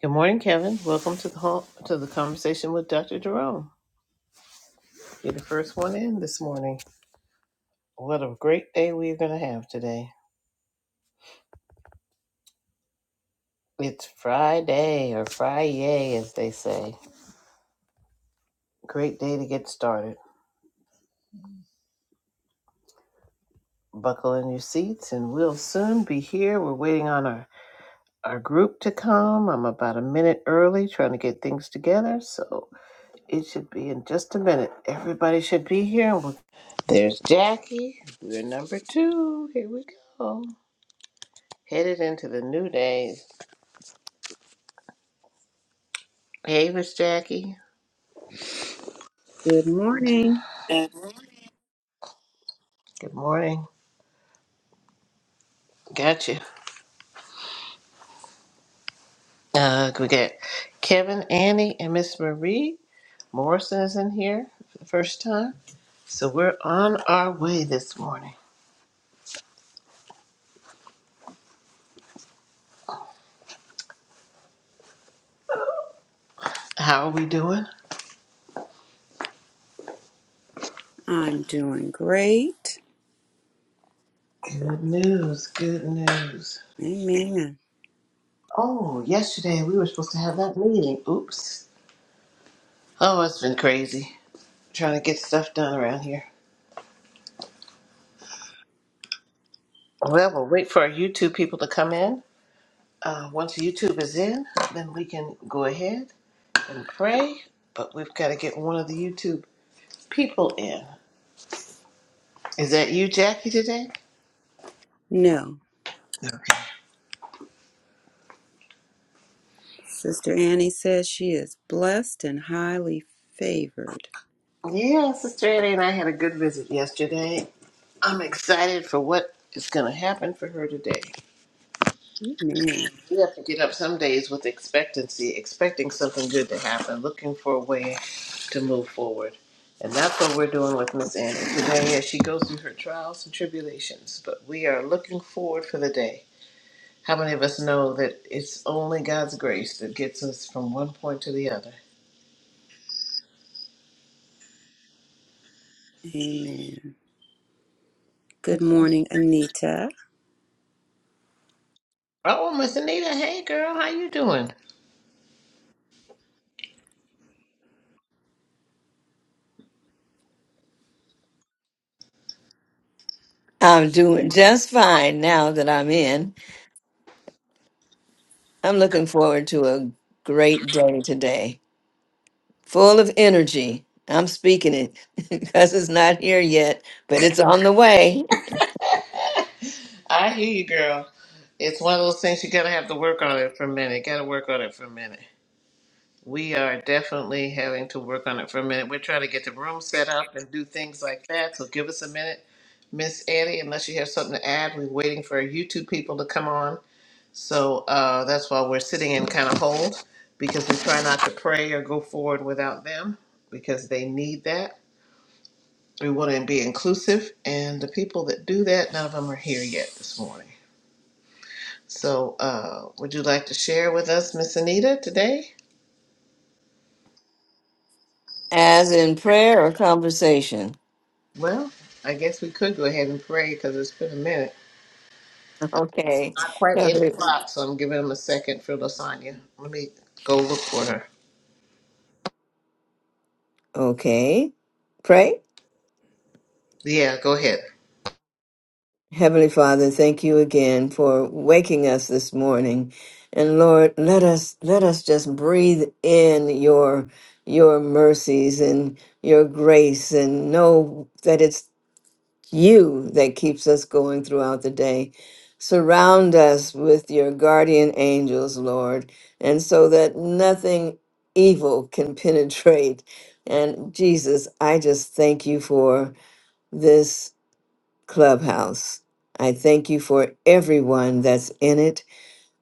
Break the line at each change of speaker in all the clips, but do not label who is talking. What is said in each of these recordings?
Good morning, Kevin. Welcome to the home, to the conversation with Dr. Jerome. You're the first one in this morning. What a great day we're going to have today. It's Friday or Friday, as they say. Great day to get started. Buckle in your seats, and we'll soon be here. We're waiting on our our group to come. I'm about a minute early, trying to get things together, so it should be in just a minute. Everybody should be here. We'll- There's Jackie. We're number two. Here we go. headed into the new days. Hey, Miss Jackie.
Good morning.
Good morning. Got you. Uh, we got Kevin, Annie, and Miss Marie. Morrison is in here for the first time. So we're on our way this morning. How are we doing?
I'm doing great.
Good news. Good news.
Amen.
Oh, yesterday we were supposed to have that meeting. Oops. Oh, it's been crazy trying to get stuff done around here. Well, we'll wait for our YouTube people to come in. Uh, once YouTube is in, then we can go ahead and pray, but we've got to get one of the YouTube people in. Is that you, Jackie, today?
No,
Okay.
Sister Annie says she is blessed and highly favored.
Yeah, Sister Annie and I had a good visit yesterday. I'm excited for what is going to happen for her today.
Amen.
We have to get up some days with expectancy, expecting something good to happen, looking for a way to move forward. And that's what we're doing with Miss Annie today as she goes through her trials and tribulations. But we are looking forward for the day How many of us know that it's only God's grace that gets us from one point to the other?
Amen. Good morning, Anita.
Oh, Miss Anita, hey girl, how you doing?
I'm doing just fine now that I'm in. I'm looking forward to a great day today, full of energy. I'm speaking it because it's not here yet, but it's on the way,
I hear you, girl. It's one of those things you gotta have to work on it for a minute. Gotta work on it for a minute. We are definitely having to work on it for a minute. We're trying to get the room set up and do things like that. So give us a minute, Miss Eddie. Unless you have something to add, we're waiting for our YouTube people to come on. So uh, that's why we're sitting in kind of hold because we try not to pray or go forward without them because they need that. We want to be inclusive, and the people that do that, none of them are here yet this morning. So, uh, would you like to share with us, Miss Anita, today?
as in prayer or conversation.
Well, I guess we could go ahead and pray because it's been a minute.
Okay.
Not quite
Have
eight
a-
o'clock, so I'm giving them a second for Lasagna. Let me go look for her.
Okay. Pray.
Yeah, go ahead.
Heavenly Father, thank you again for waking us this morning. And Lord, let us let us just breathe in your your mercies and your grace and know that it's you that keeps us going throughout the day. Surround us with your guardian angels, Lord, and so that nothing evil can penetrate. And Jesus, I just thank you for this Clubhouse. I thank you for everyone that's in it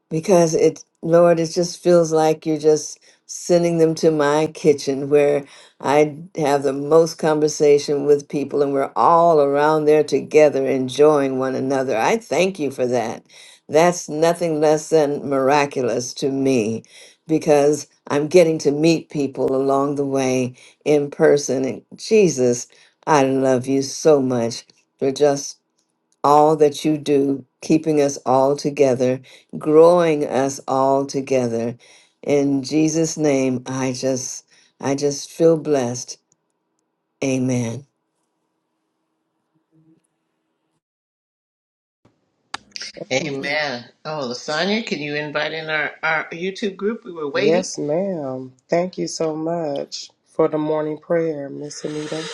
because it, Lord, it just feels like you're just sending them to my kitchen where I have the most conversation with people and we're all around there together enjoying one another. I thank you for that. That's nothing less than miraculous to me because I'm getting to meet people along the way in person. And Jesus, I love you so much for just all that you do, keeping us all together, growing us all together. In Jesus' name, I just I just feel blessed. Amen.
Amen. Oh, Lasagna, can you invite in our, our YouTube group? We were waiting.
Yes, ma'am. Thank you so much for the morning prayer, Miss Anita.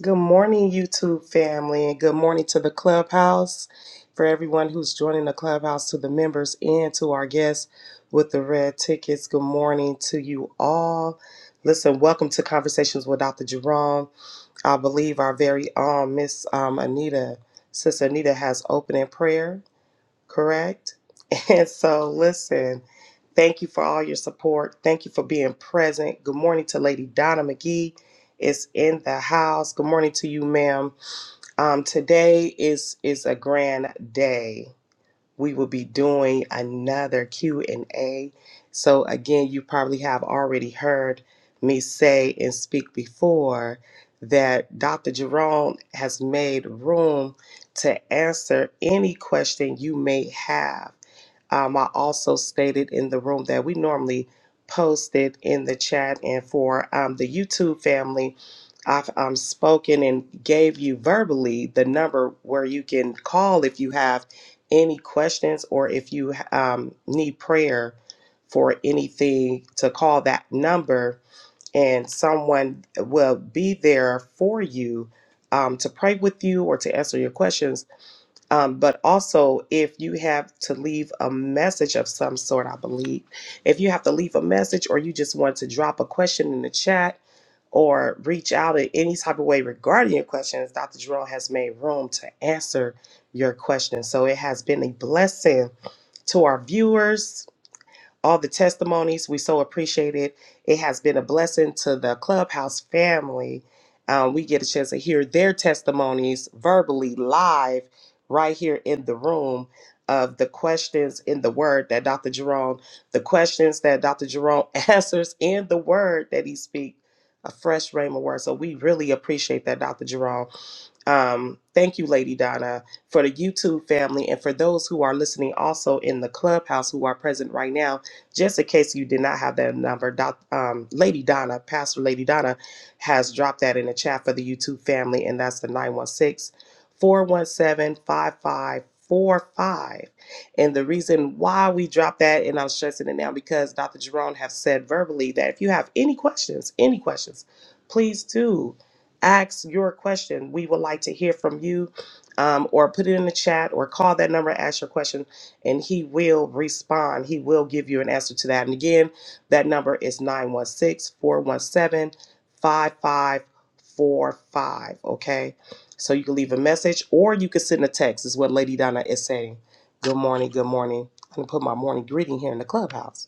Good morning, YouTube family, and good morning to the clubhouse for everyone who's joining the clubhouse, to the members, and to our guests with the red tickets. Good morning to you all. Listen, welcome to Conversations with Dr. Jerome. I believe our very own Miss um, Anita, Sister Anita, has opening prayer. correct? And so, listen, thank you for all your support. Thank you for being present. Good morning to Lady Donna McGee. Is in the house. Good morning to you, ma'am. Um, today is is a grand day we will be doing another q&a so again you probably have already heard me say and speak before that dr jerome has made room to answer any question you may have um, I also stated in the room that we normally post it in the chat, and for um, the YouTube family, I've um, spoken and gave you verbally the number where you can call if you have any questions or if you um, need prayer for anything to call that number, and someone will be there for you um, to pray with you or to answer your questions um, but also, if you have to leave a message of some sort, I believe, if you have to leave a message or you just want to drop a question in the chat or reach out in any type of way regarding your questions, Dr. Jerome has made room to answer your questions. So it has been a blessing to our viewers all the testimonies. We so appreciate it. It has been a blessing to the Clubhouse family. Um, we get a chance to hear their testimonies verbally live right here in the room of the questions in the word that Dr. Jerome, the questions that Dr. Jerome answers in the word that he speaks. A fresh rhema word. So we really appreciate that, Dr. Jerome. Um, thank you, Lady Donna, for the YouTube family and for those who are listening also in the clubhouse who are present right now. Just in case you did not have that number, Doc, um, Lady Donna, Pastor Lady Donna, has dropped that in the chat for the YouTube family, and that's the 916 417 5545. And the reason why we dropped that, and I'm stressing it now because Dr. Jerome have said verbally that if you have any questions, any questions, please do ask your question. We would like to hear from you, um, or put it in the chat, or call that number, ask your question, and he will respond. He will give you an answer to that. And again, that number is nine one six four one seven five five four five. Okay. So you can leave a message or you can send a text, is what Lady Donna is saying. Good morning, good morning. I'm going to put my morning greeting here in the clubhouse.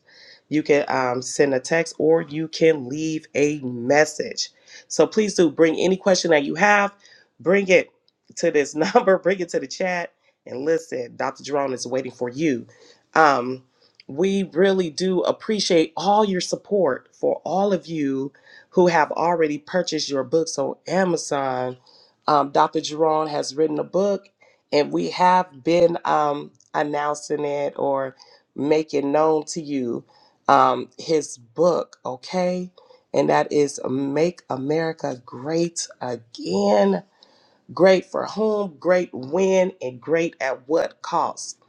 You can um, send a text or you can leave a message. So please do bring any question that you have, bring it to this number, bring it to the chat, and listen. Dr. Jerome is waiting for you. Um, we really do appreciate all your support for all of you who have already purchased your books on Amazon. Um, Dr. Jerome has written a book, and we have been um, announcing it or making known to you um, his book, okay? and that is Make America Great Again. Great for whom, great when, and great at what cost.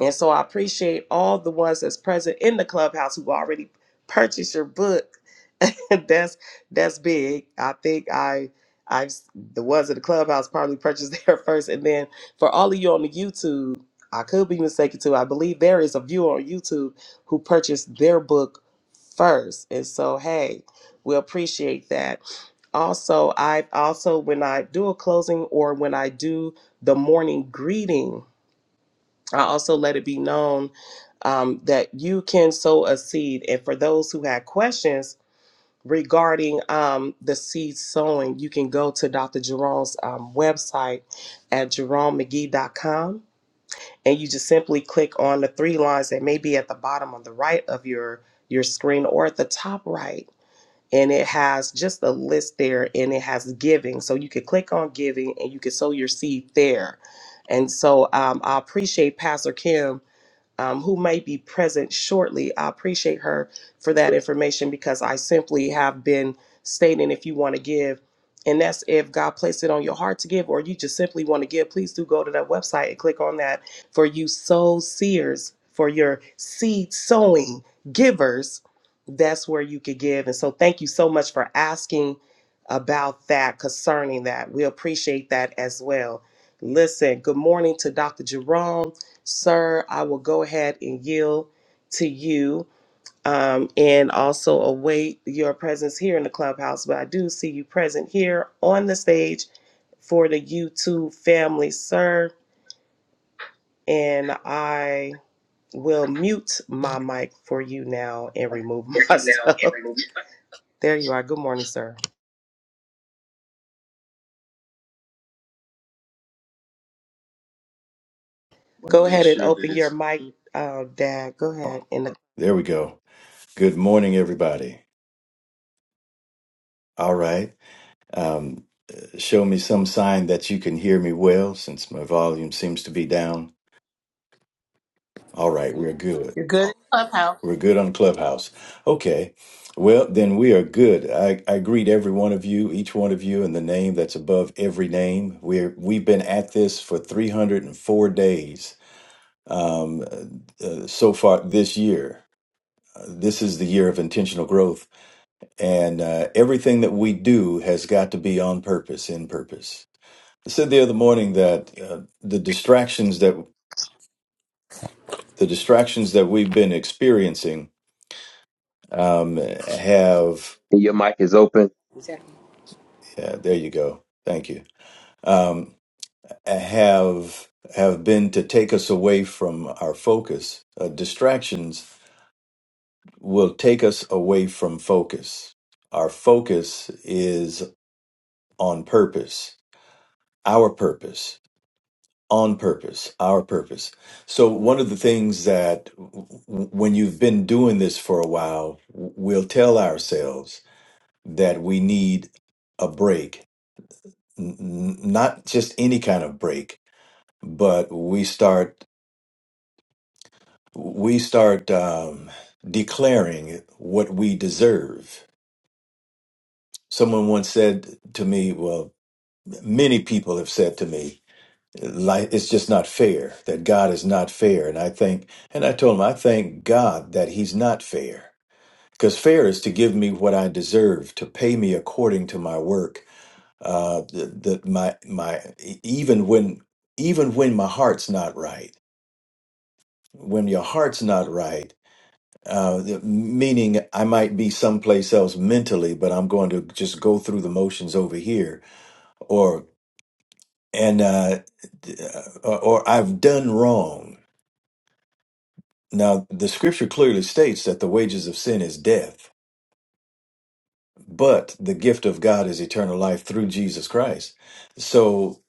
And so I appreciate all the ones that's present in the clubhouse who already purchased your book. that's that's big. I think I I've the ones in the clubhouse probably purchased there first. And then for all of you on the YouTube, I could be mistaken too. I believe there is a viewer on YouTube who purchased their book first. And so hey, we appreciate that. Also, I also when I do a closing or when I do the morning greeting, I also let it be known um, that you can sow a seed. And for those who had questions regarding um, the seed sowing, you can go to Dr. Jerome's um, website at jeromemcgee.com, and you just simply click on the three lines that may be at the bottom on the right of your your screen or at the top right and it has just a list there and it has giving so you could click on giving and you can sow your seed there and so um, i appreciate pastor kim um, who may be present shortly. I appreciate her for that information because I simply have been stating if you want to give, and that's if God placed it on your heart to give, or you just simply want to give, please do go to that website and click on that for you soul seers, for your seed sowing givers. That's where you could give. And so, thank you so much for asking about that concerning that. We appreciate that as well. Listen, good morning to Dr. Jerome. Sir, I will go ahead and yield to you um, and also await your presence here in the clubhouse. But I do see you present here on the stage for the YouTube family, sir. And I will mute my mic for you now and remove myself. there you are. Good morning, sir. Want to Go make ahead and sure that open your it's mic, uh, Dad. Go ahead. And the-
There we go. Good morning, everybody. All right. Um, uh, show me some sign that you can hear me well since my volume seems to be down. All right. We're good.
You're good in Clubhouse.
We're good on Clubhouse. Okay. Well, then we are good. I, I greet every one of you, each one of you in the name that's above every name. We're, we've been at this for 304 days um, uh, uh, so far this year. Uh, this is the year of intentional growth and uh, everything that we do has got to be on purpose in purpose i said the other morning that uh, the distractions that the distractions that we've been experiencing um, have
Your mic is open.
exact
yeah, there you go thank you um, have have been to take us away from our focus uh, distractions will take us away from focus our focus is on purpose our purpose on purpose, our purpose. So, one of the things that w- w- when you've been doing this for a while, w- we'll tell ourselves that we need a break, N- n- not just any kind of break, but we start we start um, declaring what we deserve. Someone once said to me, well, many people have said to me, Like it's just not fair that God is not fair. And I think, and I told him, I thank God that He's not fair because fair is to give me what I deserve, to pay me according to my work. Uh, that that my my e- even when even when my heart's not right, when your heart's not right, uh, meaning I might be someplace else mentally, but I'm going to just go through the motions over here, or and uh, uh, or or I've done wrong Now, the scripture clearly states that the wages of sin is death, but the gift of God is eternal life through Jesus Christ. So,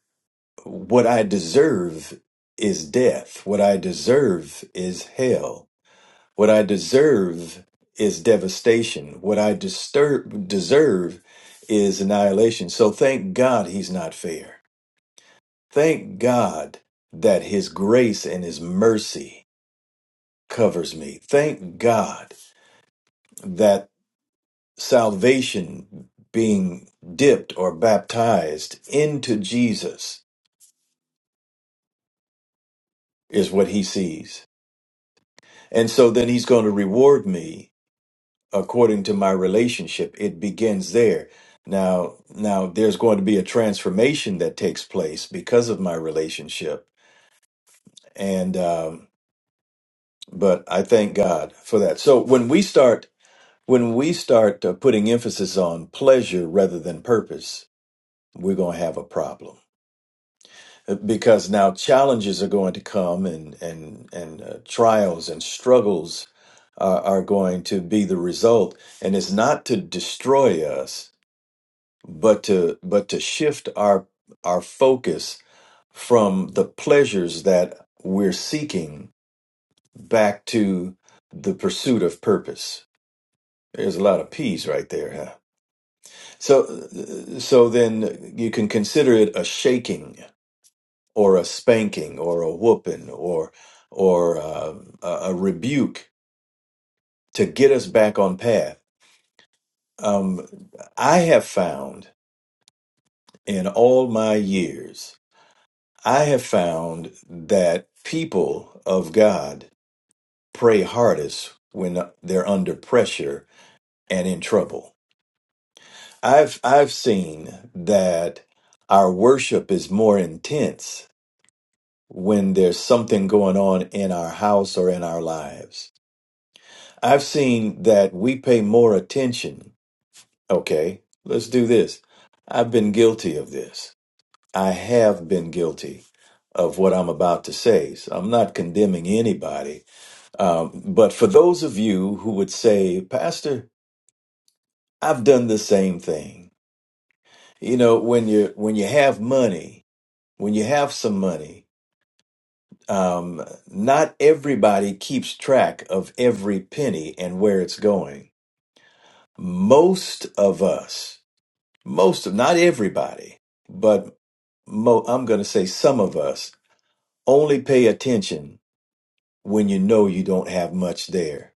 what I deserve is death. What I deserve is hell. What I deserve is devastation. What I disturb, deserve is annihilation. So, thank God he's not fair. Thank God that his grace and his mercy covers me. Thank God that salvation being dipped or baptized into Jesus is what he sees. And so then he's going to reward me according to my relationship. It begins there. Now, now there's going to be a transformation that takes place because of my relationship. And um, but I thank God for that. So when we start when we start uh, putting emphasis on pleasure rather than purpose, we're going to have a problem because now challenges are going to come and and and uh, trials and struggles are, are going to be the result and it's not to destroy us but to but to shift our our focus from the pleasures that we're seeking back to the pursuit of purpose there's a lot of p's right there huh so uh, so then you can consider it a shaking or a spanking or a whooping or or uh, a a rebuke to get us back on path. Um, I have found in all my years, I have found that people of God pray hardest when they're under pressure and in trouble. I've I've seen that our worship is more intense when there's something going on in our house or in our lives I've seen that we pay more attention. Okay, let's do this. I've been guilty of this. I have been guilty of what I'm about to say. So I'm not condemning anybody. Um, but for those of you who would say, Pastor, I've done the same thing. You know, when you when you have money, when you have some money, um, not everybody keeps track of every penny and where it's going. Most of us most of not everybody but mo- i'm going to say some of us only pay attention when you know you don't have much there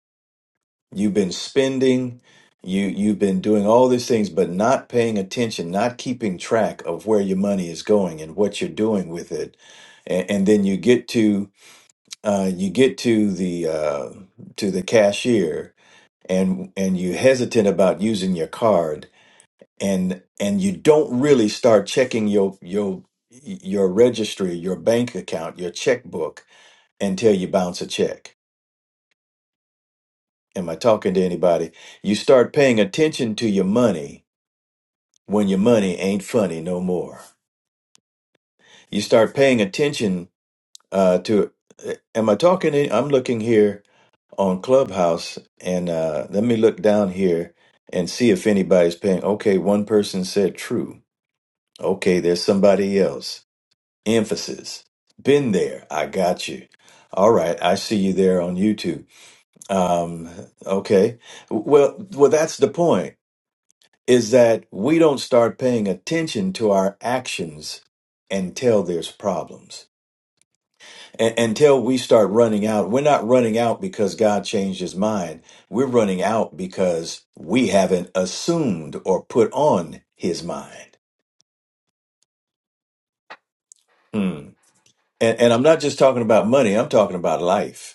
you've been spending you you've been doing all these things but not paying attention not keeping track of where your money is going and what you're doing with it and, and then you get to uh, you get to the uh, to the cashier and and you hesitant about using your card and and you don't really start checking your your your registry, your bank account, your checkbook until you bounce a check. Am I talking to anybody? You start paying attention to your money when your money ain't funny no more. You start paying attention uh, to. uh, Am I talking? To, I'm looking here on Clubhouse, and uh, let me look down here and see if anybody's paying. Okay, one person said true. Okay, there's somebody else. emphasis. Been there. I got you. All right. I see you there on YouTube. Um, okay. Well, well, that's the point is that we don't start paying attention to our actions until there's problems. A- until we start running out. We're not running out because God changed his mind. We're running out because we haven't assumed or put on his mind. Hmm. And, and I'm not just talking about money. I'm talking about life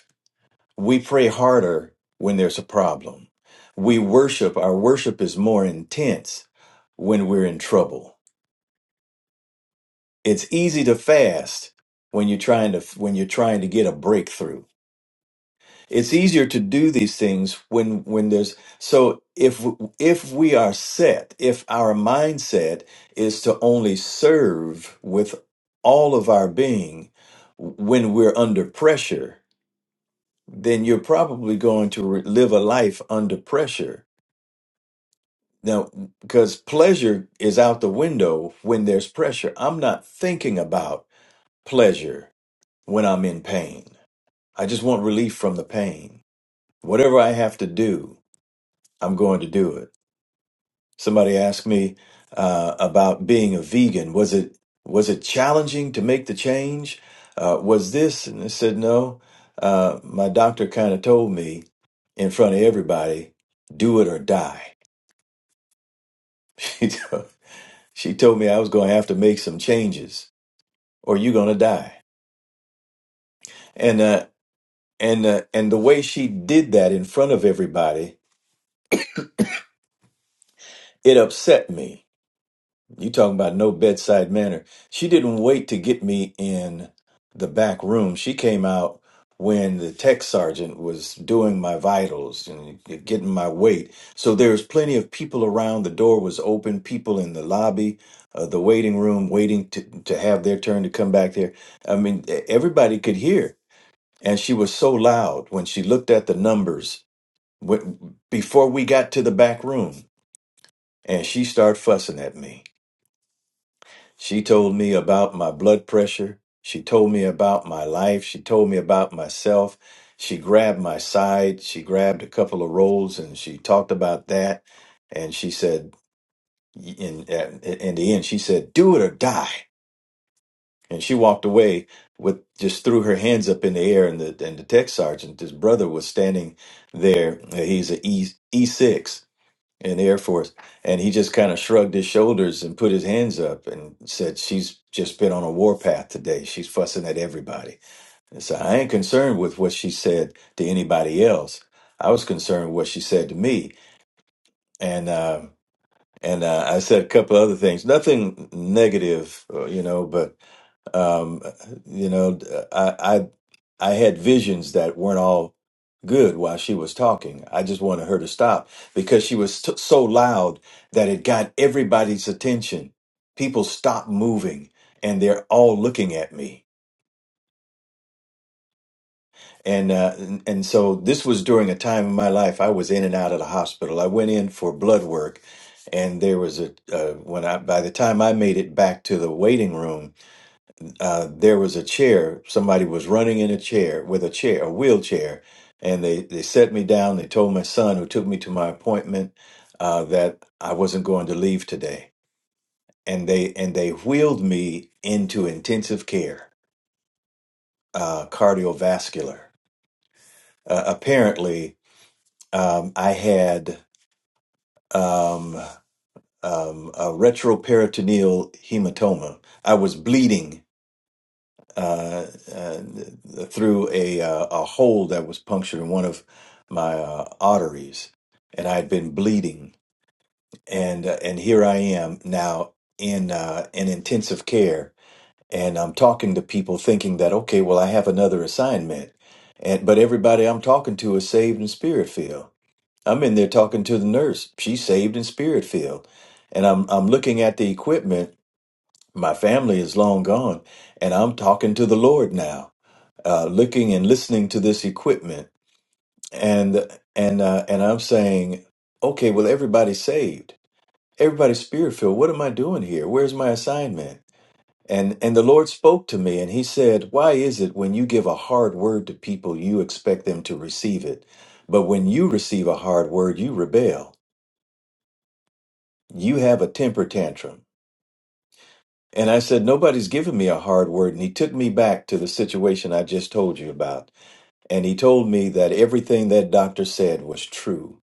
We pray harder when there's a problem. We worship, our worship is more intense when we're in trouble. It's easy to fast when you're trying to when you're trying to get a breakthrough. It's easier to do these things when when there's so if if we are set, if our mindset is to only serve with all of our being when we're under pressure, then you're probably going to re- live a life under pressure Now, because pleasure is out the window when there's pressure, I'm not thinking about pleasure when I'm in pain. I just want relief from the pain. Whatever I have to do, I'm going to do it. Somebody asked me uh, about being a vegan. Was it was it challenging to make the change? Uh, was this? And I said no. Uh, my doctor kind of told me in front of everybody, do it or die. She told me I was going to have to make some changes or you're going to die. And, uh, and, uh, and the way she did that in front of everybody, it upset me You talking about no bedside manner. She didn't wait to get me in the back room. She came out when the tech sergeant was doing my vitals and getting my weight. So there was plenty of people around. The door was open, people in the lobby, uh, the waiting room, waiting to, to have their turn to come back there. I mean, e- everybody could hear. And she was so loud when she looked at the numbers when, before we got to the back room and she started fussing at me. She told me about my blood pressure. She told me about my life. She told me about myself. She grabbed my side. She grabbed a couple of rolls and she talked about that. And she said, in, in the end, she said, do it or die. And she walked away with just threw her hands up in the air. And the, and the tech sergeant, his brother was standing there. He's a E E6 in the Air Force, and he just kind of shrugged his shoulders and put his hands up and said, "She's just been on a war path today. She's fussing at everybody." And so I ain't concerned with what she said to anybody else. I was concerned with what she said to me, and um and uh, I said a couple other things, nothing negative, uh, you know, but um, you know, I, I I had visions that weren't all good while she was talking. I just wanted her to stop because she was t- so loud that it got everybody's attention. People stopped moving and they're all looking at me. And, uh, and and so this was during a time in my life I was in and out of the hospital. I went in for blood work, and there was a uh, when I by the time I made it back to the waiting room, uh, there was a chair. Somebody was running in a chair with a chair, a wheelchair, and they they set me down. They told my son, who took me to my appointment, uh, that I wasn't going to leave today, and they and they wheeled me into intensive care, uh, cardiovascular. Uh, apparently, um, I had um, um, a retroperitoneal hematoma. I was bleeding uh, uh, through a uh, a hole that was punctured in one of my uh, arteries, and I had been bleeding, and uh, and here I am now in uh, in intensive care, and I'm talking to people, thinking that okay, well, I have another assignment, and but everybody I'm talking to is saved and spirit filled. I'm in there talking to the nurse; she's saved and spirit filled, and I'm I'm looking at the equipment. My family is long gone, and I'm talking to the Lord now uh, looking and listening to this equipment, and and uh, and I'm saying, okay, well, everybody's saved, everybody's spirit filled. What am I doing here? Where's my assignment? And and the Lord spoke to me, and He said, Why is it when you give a hard word to people, you expect them to receive it, but when you receive a hard word, you rebel. You have a temper tantrum. And I said, Nobody's giving me a hard word. And he took me back to the situation I just told you about And he told me that everything that doctor said was true.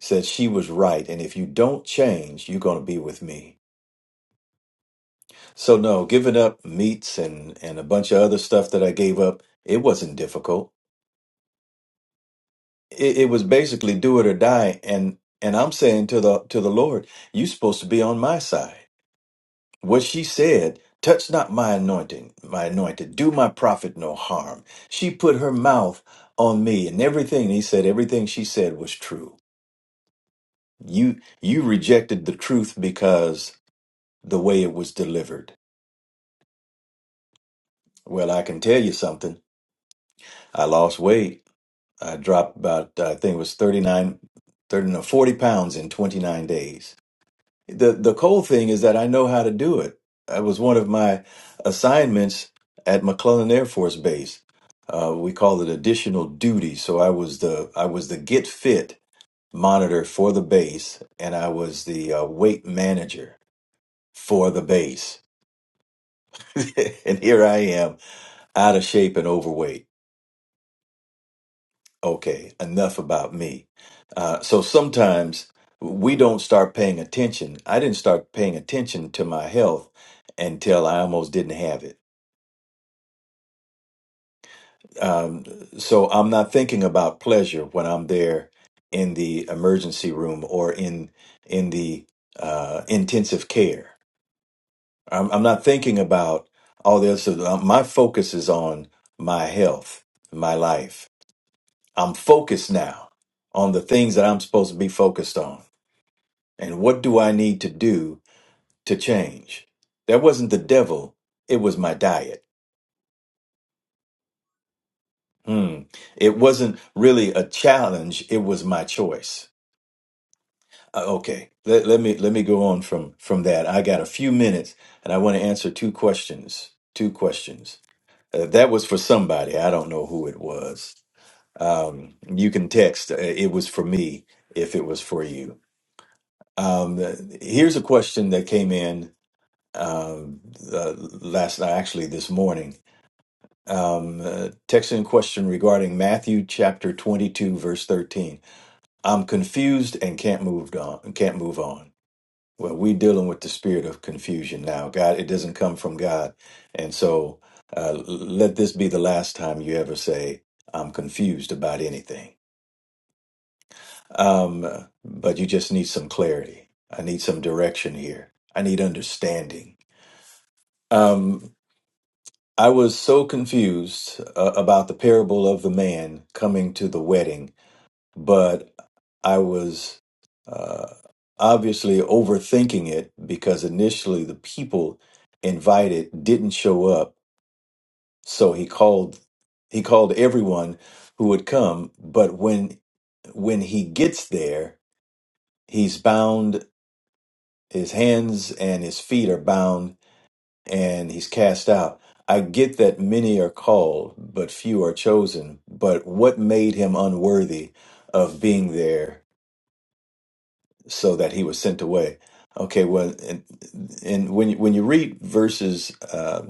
Said she was right, and if you don't change, you're going to be with me. So no, giving up meats and and a bunch of other stuff that I gave up, it wasn't difficult. It, it was basically do it or die. And and I'm saying to the to the Lord, you're supposed to be on my side. What she said, touch not my anointing, my anointed, do my prophet no harm. She put her mouth on me, and everything he said, everything she said was true. You you rejected the truth because the way it was delivered. Well, I can tell you something. I lost weight. I dropped about I think it was 39 thirty, no, 40 pounds in 29 days. The the cool thing is that I know how to do it. That was one of my assignments at McClellan Air Force Base. Uh, we call it additional duty. So I was the I was the get fit monitor for the base and I was the uh, weight manager for the base. and here I am, out of shape and overweight. Okay, enough about me. Uh, so sometimes we don't start paying attention. I didn't start paying attention to my health until I almost didn't have it. Um, so I'm not thinking about pleasure when I'm there in the emergency room or in in the uh, intensive care. I'm, I'm not thinking about all this. So, uh, My focus is on my health, my life I'm focused now on the things that I'm supposed to be focused on. And what do I need to do to change? That wasn't the devil, it was my diet. Hmm. It wasn't really a challenge, it was my choice. Uh, okay, let, let me let me go on from from that. I got a few minutes and I want to answer two questions. Two questions. Uh, that was for somebody. I don't know who it was. Um, you can text. Uh, It was for me if it was for you. Um, here's a question that came in uh, uh, last night, actually this morning. Um, uh, text in question regarding Matthew chapter 22, verse 13. I'm confused and can't move on. Can't move on. Well, we're dealing with the spirit of confusion now. God, it doesn't come from God, and so uh, let this be the last time you ever say I'm confused about anything Um, but you just need some clarity. I need some direction here. I need understanding. Um, I was so confused uh, about the parable of the man coming to the wedding, but I was uh, obviously overthinking it because initially the people invited didn't show up, so he called he called everyone who would come. But when when he gets there, he's bound his hands and his feet are bound and he's cast out. I get that many are called, but few are chosen. But what made him unworthy of being there so that he was sent away? Okay, well, and, and when, you- when you read verses uh,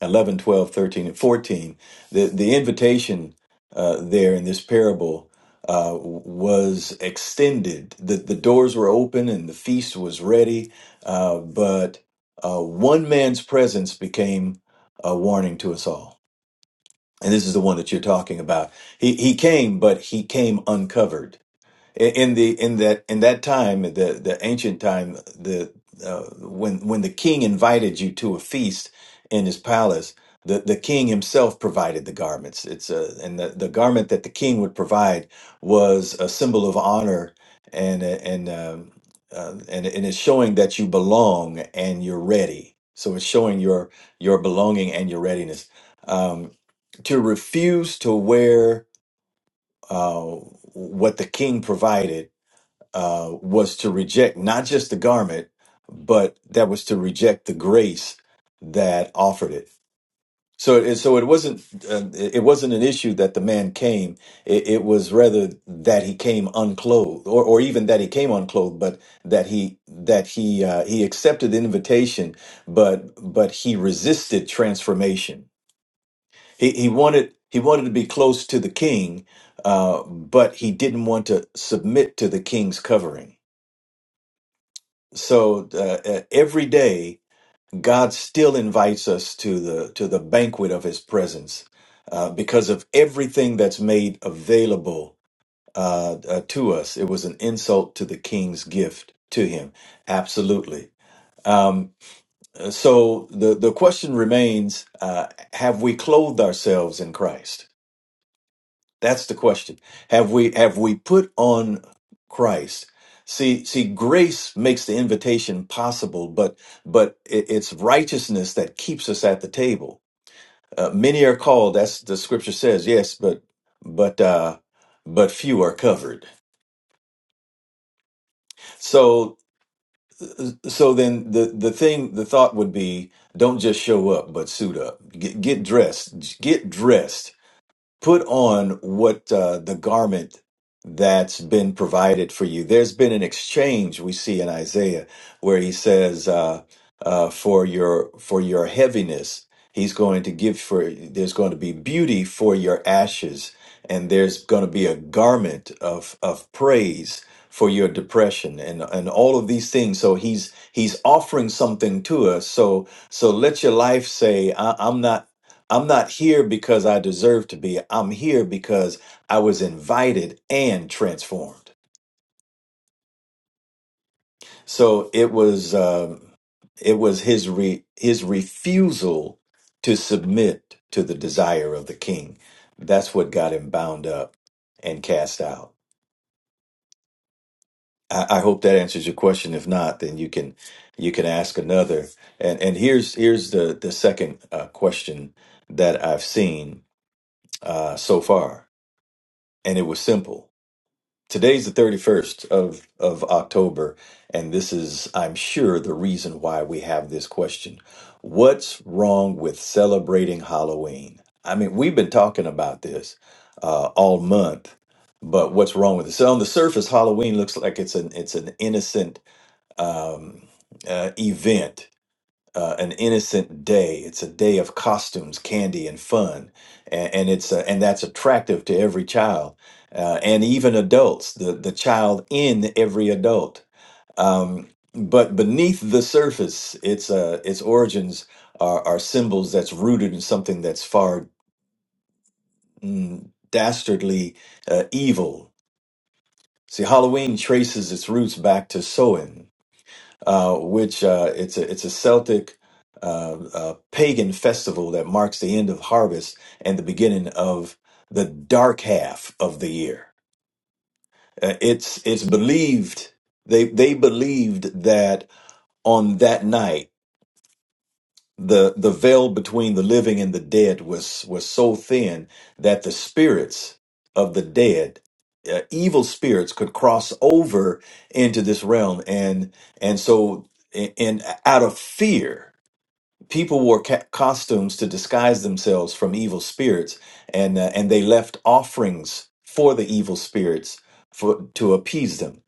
11, 12, 13, and 14, the, the invitation uh, there in this parable uh, was extended. The, the doors were open and the feast was ready, uh, but uh, one man's presence became a warning to us all. And this is the one that you're talking about. He, he came, but he came uncovered in in the in that in that time the the ancient time the uh, when when the king invited you to a feast in his palace the the king himself provided the garments it's a and the, the garment that the king would provide was a symbol of honor and uh, and um, uh, and and it's showing that you belong and you're ready so it's showing your your belonging and your readiness um to refuse to wear uh what the king provided uh, was to reject not just the garment, but that was to reject the grace that offered it. So, it, so it wasn't uh, it wasn't an issue that the man came. It, it was rather that he came unclothed, or, or even that he came unclothed, but that he that he uh, he accepted the invitation, but but he resisted transformation. He he wanted he wanted to be close to the king, uh, but he didn't want to submit to the king's covering. so uh, uh, every day god still invites us to the to the banquet of his presence uh, because of everything that's made available uh, uh, to us it was an insult to the king's gift to him absolutely um, so the the question remains uh, have we clothed ourselves in christ that's the question. Have we have we put on Christ? See, see, grace makes the invitation possible, but but it, it's righteousness that keeps us at the table. Uh, many are called. That's the scripture says. Yes, but but uh, but few are covered. So so then the the thing the thought would be: don't just show up, but suit up. Get, get dressed. Get dressed put on what uh, the garment that's been provided for you. There's been an exchange we see in Isaiah where he says, uh, uh, "For your for your heaviness, he's going to give for. There's going to be beauty for your ashes, and there's going to be a garment of of praise." For your depression and and all of these things, so he's he's offering something to us. So so let your life say, I, "I'm not I'm not here because I deserve to be. I'm here because I was invited and transformed. So it was um, it was his re- his refusal to submit to the desire of the king. That's what got him bound up and cast out. I, I hope that answers your question. If not, then you can you can ask another. And and here's here's the the second uh, question that I've seen uh, so far, and it was simple Today's the 31st of, of October, and this is, I'm sure, the reason why we have this question. What's wrong with celebrating Halloween? I mean, we've been talking about this uh, all month, but what's wrong with it? So on the surface, Halloween looks like it's an it's an innocent um, uh, event uh, an innocent day. It's a day of costumes, candy, and fun, and, and it's uh and that's attractive to every child uh, and even adults. The the child in every adult. Um, but beneath the surface, its uh, its origins are, are symbols that's rooted in something that's far mm, dastardly uh, evil. See, Halloween traces its roots back to Samhain, uh, which uh, it's a it's a Celtic uh, uh, pagan festival that marks the end of harvest and the beginning of the dark half of the year. Uh, it's it's believed they they believed that on that night the the veil between the living and the dead was was so thin that the spirits of the dead uh, evil spirits could cross over into this realm and and so in, in out of fear people wore ca- costumes to disguise themselves from evil spirits and uh, and they left offerings for the evil spirits for to appease them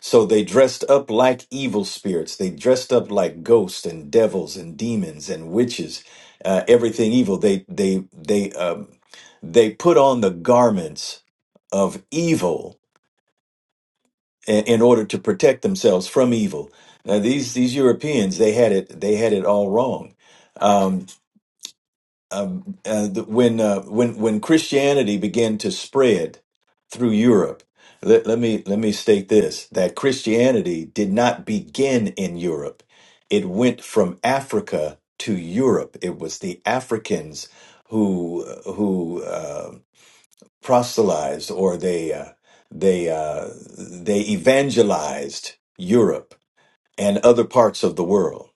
so they dressed up like evil spirits they dressed up like ghosts and devils and demons and witches uh, everything evil they they they um, they put on the garments of evil in, in order to protect themselves from evil now these these Europeans they had it they had it all wrong um, um, uh, the- when uh, when when Christianity began to spread through Europe, let, let me let me state this: that Christianity did not begin in Europe; it went from Africa to Europe. It was the Africans who who uh, proselytized, or they uh, they uh, they evangelized Europe and other parts of the world.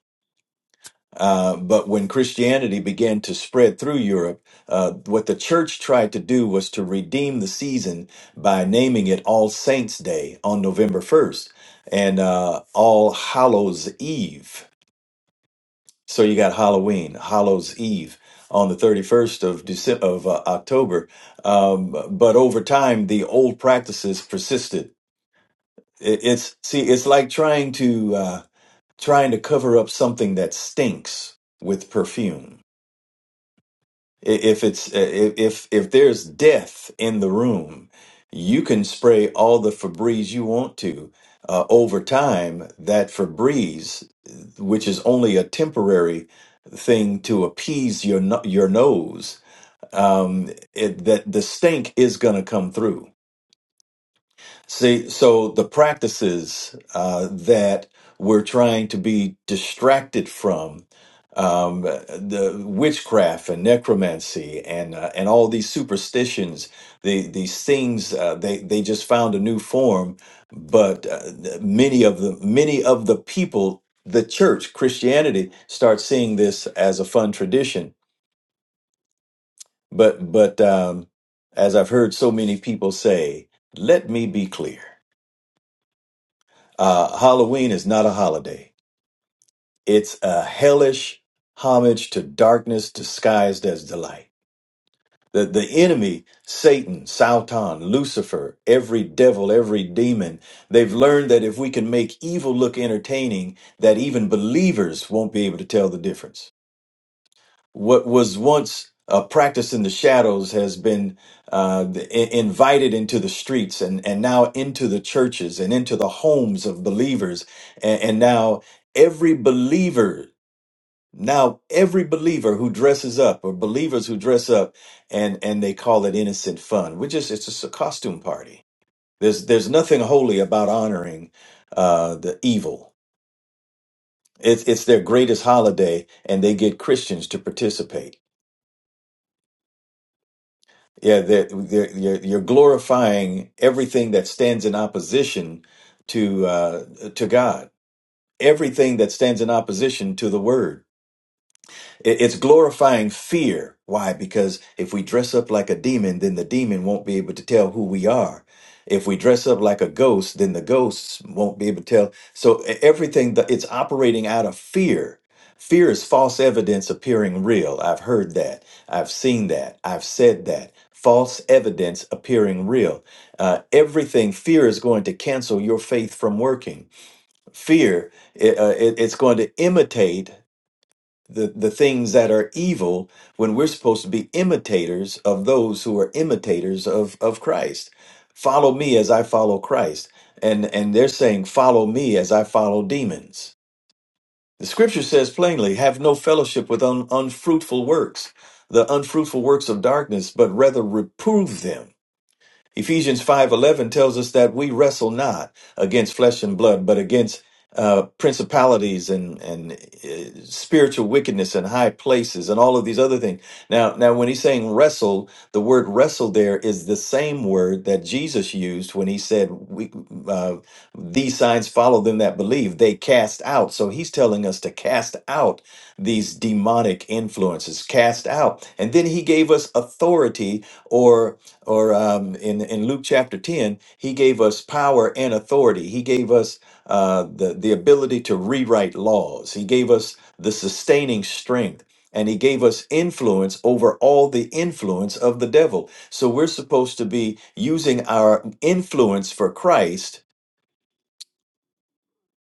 Uh, but when Christianity began to spread through Europe, uh, what the church tried to do was to redeem the season by naming it All Saints' Day on November 1st and uh, All Hallows' Eve. So you got Halloween, Hallows' Eve on the 31st of, December, of uh, October. Um, but over time, the old practices persisted. It, it's see, it's like trying to uh, trying to cover up something that stinks with perfume if it's uh, if if if there's death in the room you can spray all the Febreze you want to uh, over time that Febreze which is only a temporary thing to appease your no- your nose um it, that the stink is going to come through See, so the practices uh, that we're trying to be distracted from, um, the witchcraft and necromancy and uh, and all these superstitions, the, these things uh, they they just found a new form, but uh, many of the many of the people, the church, Christianity, start seeing this as a fun tradition. But but um, as I've heard so many people say, let me be clear. Uh, Halloween is not a holiday. It's a hellish homage to darkness disguised as delight. The, the enemy, Satan, Sautan, Lucifer, every devil, every demon, they've learned that if we can make evil look entertaining, that even believers won't be able to tell the difference what was once a practice in the shadows has been uh, i- invited into the streets and, and now into the churches and into the homes of believers. And, and now every believer, now every believer who dresses up or believers who dress up and, and they call it innocent fun, which is, it's just a costume party. There's, there's nothing holy about honoring uh, the evil. It's, it's their greatest holiday and they get Christians to participate. Yeah, they're, they're, you're, you're glorifying everything that stands in opposition to uh, to God, everything that stands in opposition to the Word. It- It's glorifying fear. Why? Because if we dress up like a demon, then the demon won't be able to tell who we are. If we dress up like a ghost, then the ghosts won't be able to tell. So e- everything that it's operating out of fear. Fear is false evidence appearing real. I've heard that. I've seen that. I've said that. False evidence appearing real. Uh, everything fear is going to cancel your faith from working. Fear, i- uh, it- it's going to imitate the, the things that are evil when we're supposed to be imitators of those who are imitators of, of Christ. Follow me as I follow Christ. And and they're saying, Follow me as I follow demons. The scripture says plainly, have no fellowship with un, unfruitful works, the unfruitful works of darkness, but rather reprove them. Ephesians 5:11 tells us that we wrestle not against flesh and blood, but against uh, principalities and and uh, spiritual wickedness in high places and all of these other things. Now, now when he's saying wrestle, the word wrestle there is the same word that Jesus used when he said, we, uh, "These signs follow them that believe; they cast out." So he's telling us to cast out these demonic influences, cast out, and then he gave us authority or or um, in in Luke chapter ten, he gave us power and authority. He gave us uh, the the ability to rewrite laws. He gave us the sustaining strength, and he gave us influence over all the influence of the devil. So we're supposed to be using our influence for Christ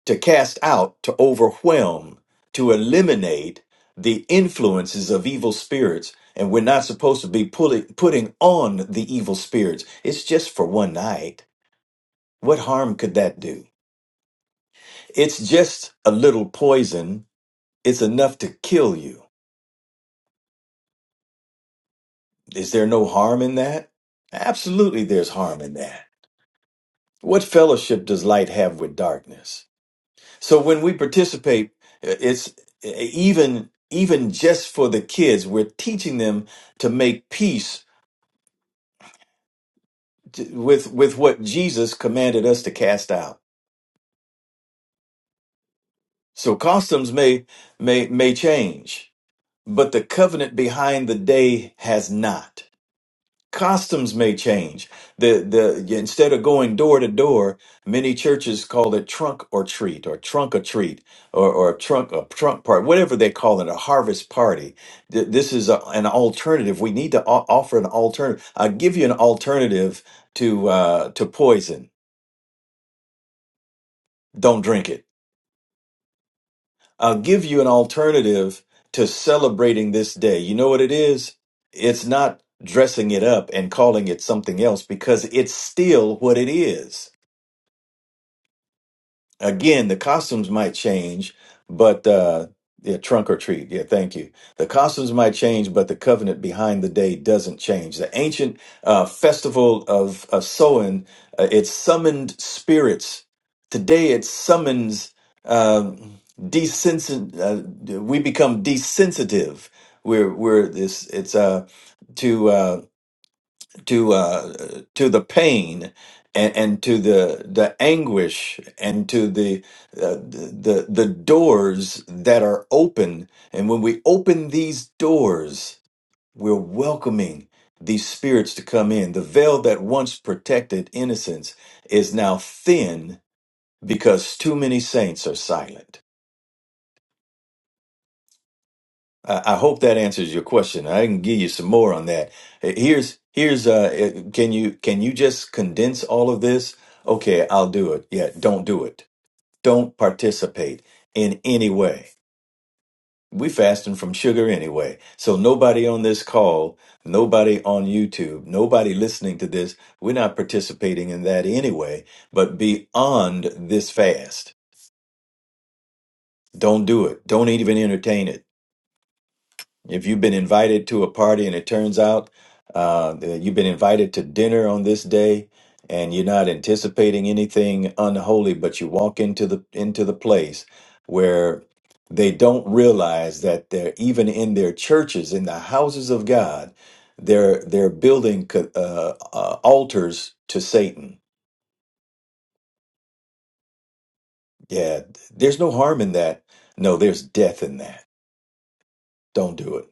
to cast out, to overwhelm, to eliminate the influences of evil spirits. And we're not supposed to be pulling, putting on the evil spirits. It's just for one night. What harm could that do? It's just a little poison. It's enough to kill you. Is there no harm in that? Absolutely, there's harm in that. What fellowship does light have with darkness? So when we participate, uh, it's uh, even even just for the kids, we're teaching them to make peace t- with with what Jesus commanded us to cast out. So customs may may may change, but the covenant behind the day has not. Costumes may change. The the instead of going door to door, many churches call it trunk or treat or trunk or treat or or trunk a trunk part, whatever they call it, a harvest party. Th- This is a, an alternative. We need to o- offer an alternative. I'll give you an alternative to uh, to poison. Don't drink it. I'll give you an alternative to celebrating this day. You know what it is? It's not dressing it up and calling it something else because it's still what it is. Again, the costumes might change, but uh, yeah, trunk or treat. Yeah, thank you. The costumes might change, but the covenant behind the day doesn't change. The ancient uh, festival of, of Soin, uh, it summoned spirits. Today, it summons um desensit. Uh, we become desensitive. We're we're this. It's uh to. uh, to uh, to the pain and, and to the the anguish and to the, uh, the the the doors that are open and when we open these doors we're welcoming these spirits to come in the veil that once protected innocence is now thin because too many saints are silent I I hope that answers your question. I can give you some more on that. Uh, Here's here's uh uh, can you can you just condense all of this? Okay, I'll do it. Yeah, don't do it. Don't participate in any way. We fasting from sugar anyway. So nobody on this call, nobody on YouTube, nobody listening to this, we're not participating in that anyway. But beyond this fast, don't do it. Don't even entertain it. If you've been invited to a party and it turns out uh, that you've been invited to dinner on this day and you're not anticipating anything unholy, but you walk into the into the place where they don't realize that they're even in their churches, in the houses of God, they're they're building co- uh, uh, altars to Satan. Yeah, there's no harm in that. No, there's death in that. Don't do it.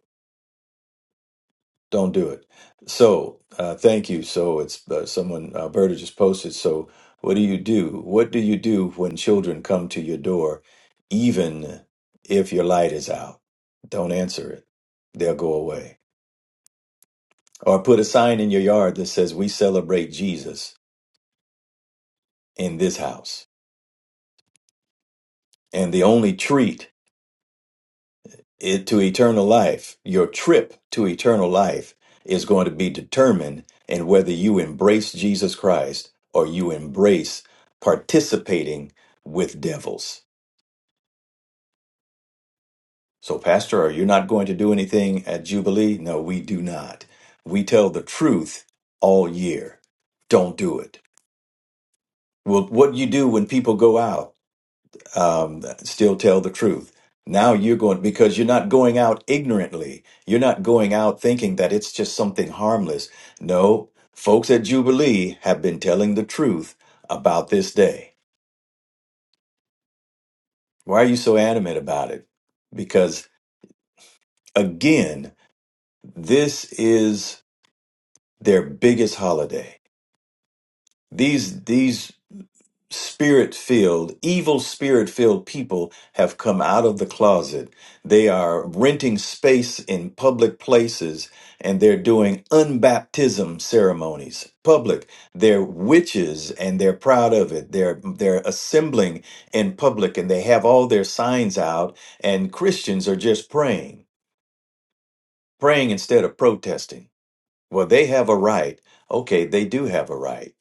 don't do it. So, uh, thank you. So, it's uh, someone Alberta just posted. So, what do you do? What do you do when children come to your door, even if your light is out? Don't answer it. They'll go away. Or put a sign in your yard that says, "We celebrate Jesus in this house." And the only treat it, to eternal life, your trip to eternal life is going to be determined in whether you embrace Jesus Christ or you embrace participating with devils. So, Pastor, are you not going to do anything at Jubilee? No, we do not. We tell the truth all year. Don't do it. Well, what you do when people go out? um, still tell the truth. Now you're going because you're not going out ignorantly. You're not going out thinking that it's just something harmless. No, folks at Jubilee have been telling the truth about this day. Why are you so adamant about it? Because again, this is their biggest holiday. These these spirit filled, evil spirit filled people have come out of the closet. They are renting space in public places and they're doing unbaptism ceremonies. Public. They're witches and they're proud of it. They're they're assembling in public and they have all their signs out and Christians are just praying, praying instead of protesting. Well, they have a right. Okay, they do have a right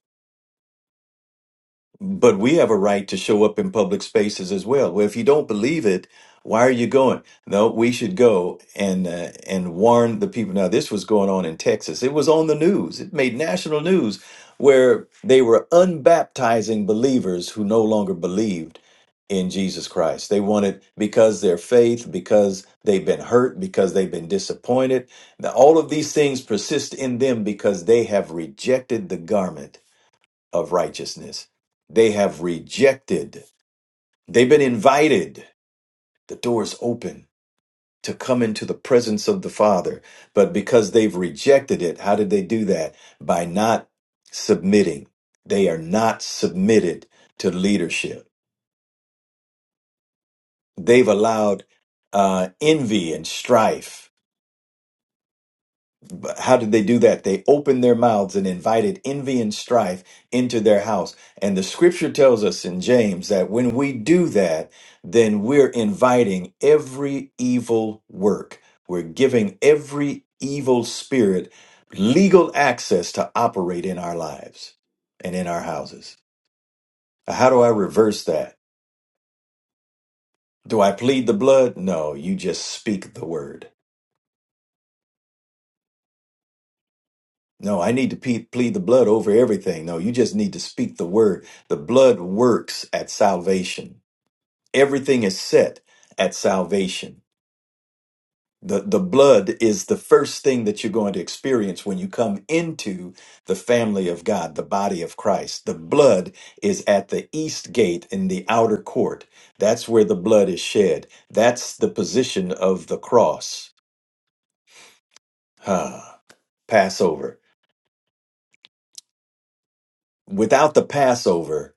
But we have a right to show up in public spaces as well. Well, if you don't believe it, why are you going? No, we should go and uh, and warn the people. Now, this was going on in Texas. It was on the news. It made national news where they were unbaptizing believers who no longer believed in Jesus Christ. They wanted because their faith, because they've been hurt, because they've been disappointed. Now, All of these things persist in them because they have rejected the garment of righteousness. They have rejected. They've been invited. The door is open to come into the presence of the Father. But because they've rejected it, how did they do that? By not submitting. They are not submitted to leadership. They've allowed uh, envy and strife how did they do that? They opened their mouths and invited envy and strife into their house. And the scripture tells us in James that when we do that, then we're inviting every evil work. We're giving every evil spirit legal access to operate in our lives and in our houses. How do I reverse that? Do I plead the blood? No, you just speak the word. No, I need to pe- plead the blood over everything. No, you just need to speak the word. The blood works at salvation. Everything is set at salvation. The, the blood is the first thing that you're going to experience when you come into the family of God, the body of Christ. The blood is at the east gate in the outer court. That's where the blood is shed. That's the position of the cross. Ah, Passover. Without the Passover,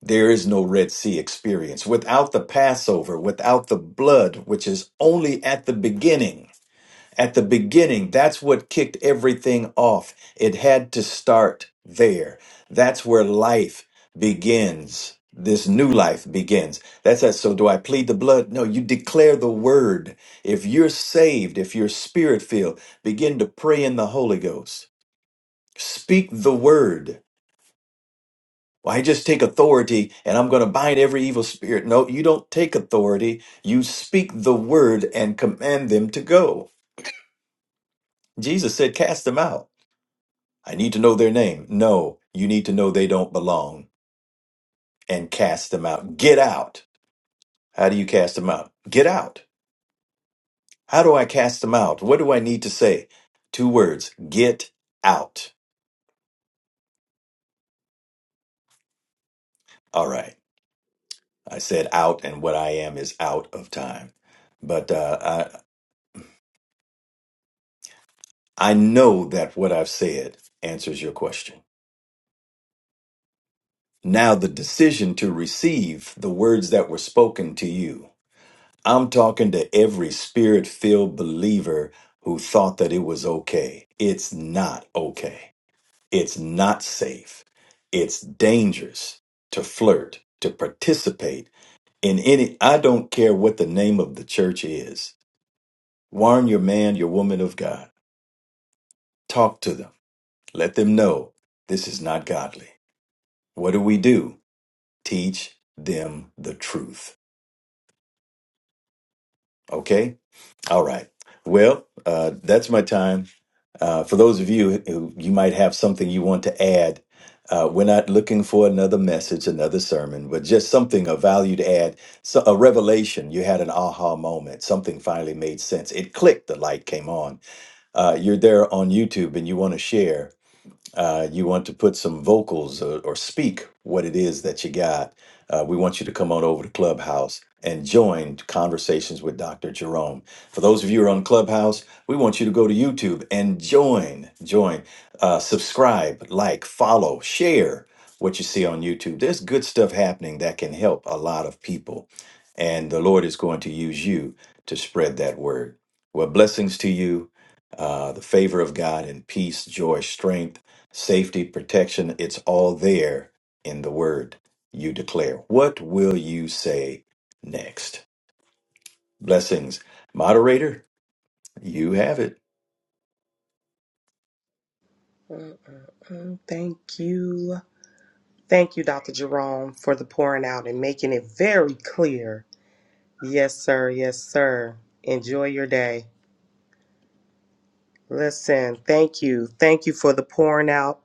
There is no Red Sea experience without the Passover, without the blood, which is only at the beginning. At the beginning, that's what kicked everything off. It had to start there. That's where life begins. This new life begins. That's that. So, do I plead the blood? No, you declare the word. If you're saved, if you're spirit filled, begin to pray in the Holy Ghost. Speak the word well, I just take authority and I'm going to bind every evil spirit. No, you don't take authority. You speak the word and command them to go. Jesus said, Cast them out. I need to know their name. No, you need to know they don't belong and cast them out. Get out. How do you cast them out? Get out. How do I cast them out? What do I need to say? Two words get out. All right. I said out, and what I am is out of time. But uh, I know that what I've said answers your question. Now, the decision to receive the words that were spoken to you. I'm talking to every spirit filled believer who thought that it was okay. It's not okay. It's not safe. It's dangerous to flirt, to participate in any. I don't care what the name of the church is. Warn your man, your woman of God. Talk to them. Let them know this is not godly. What do we do? Teach them the truth. Okay? All right. Well, uh, that's my time. Uh, for those of you who you might have something you want to add, uh, we're not looking for another message, another sermon, but just something a value to add, so a revelation. You had an aha moment. Something finally made sense. It clicked. The light came on. Uh, you're there on YouTube and you want to share. uh, you want to put some vocals or, or speak what it is that you got, uh, we want you to come on over to Clubhouse and join Conversations with Dr. Jerome. For those of you who are on Clubhouse, we want you to go to YouTube and join, join, uh, subscribe, like, follow, share what you see on YouTube. There's good stuff happening that can help a lot of people. And the Lord is going to use you to spread that word. Well, blessings to you, uh, the favor of God and peace, joy, strength Safety, protection, it's all there in the word you declare. What will you say next? Blessings. Moderator, you have it.
Mm, mm, thank you. Thank you, Dr. Jerome, for the pouring out and making it very clear. Yes, sir. Yes, sir. Enjoy your day. Listen, thank you. Thank you for the pouring out.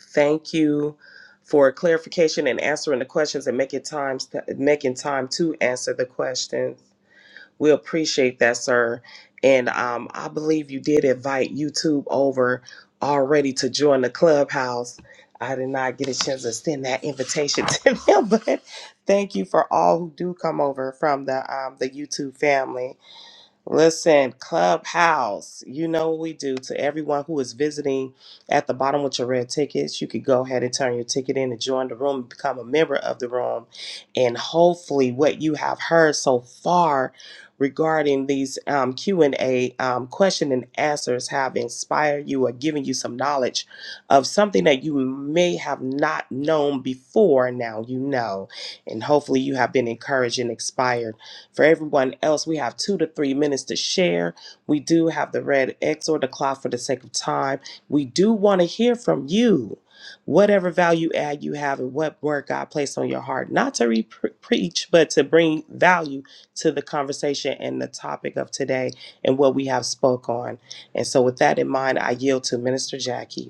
Thank you for clarification and answering the questions and making times making time to answer the questions. We appreciate that, sir. And um, I believe you did invite YouTube over already to join the clubhouse. I did not get a chance to send that invitation to them, but thank you for all who do come over from the um, the YouTube family. Listen, Clubhouse, you know what we do to everyone who is visiting at the bottom with your red tickets. You could go ahead and turn your ticket in and join the room, and become a member of the room. And hopefully what you have heard so far regarding these um, Q&A um, question and answers have inspired you or given you some knowledge of something that you may have not known before. Now you know, and hopefully you have been encouraged and inspired for everyone else, we have two to three minutes to share. We do have the red X or the clock for the sake of time. We do want to hear from you. Whatever value add you have and what word God placed on your heart, not to re- preach, but to bring value to the conversation and the topic of today and what we have spoke on. And so, with that in mind, I yield to Minister Jackie.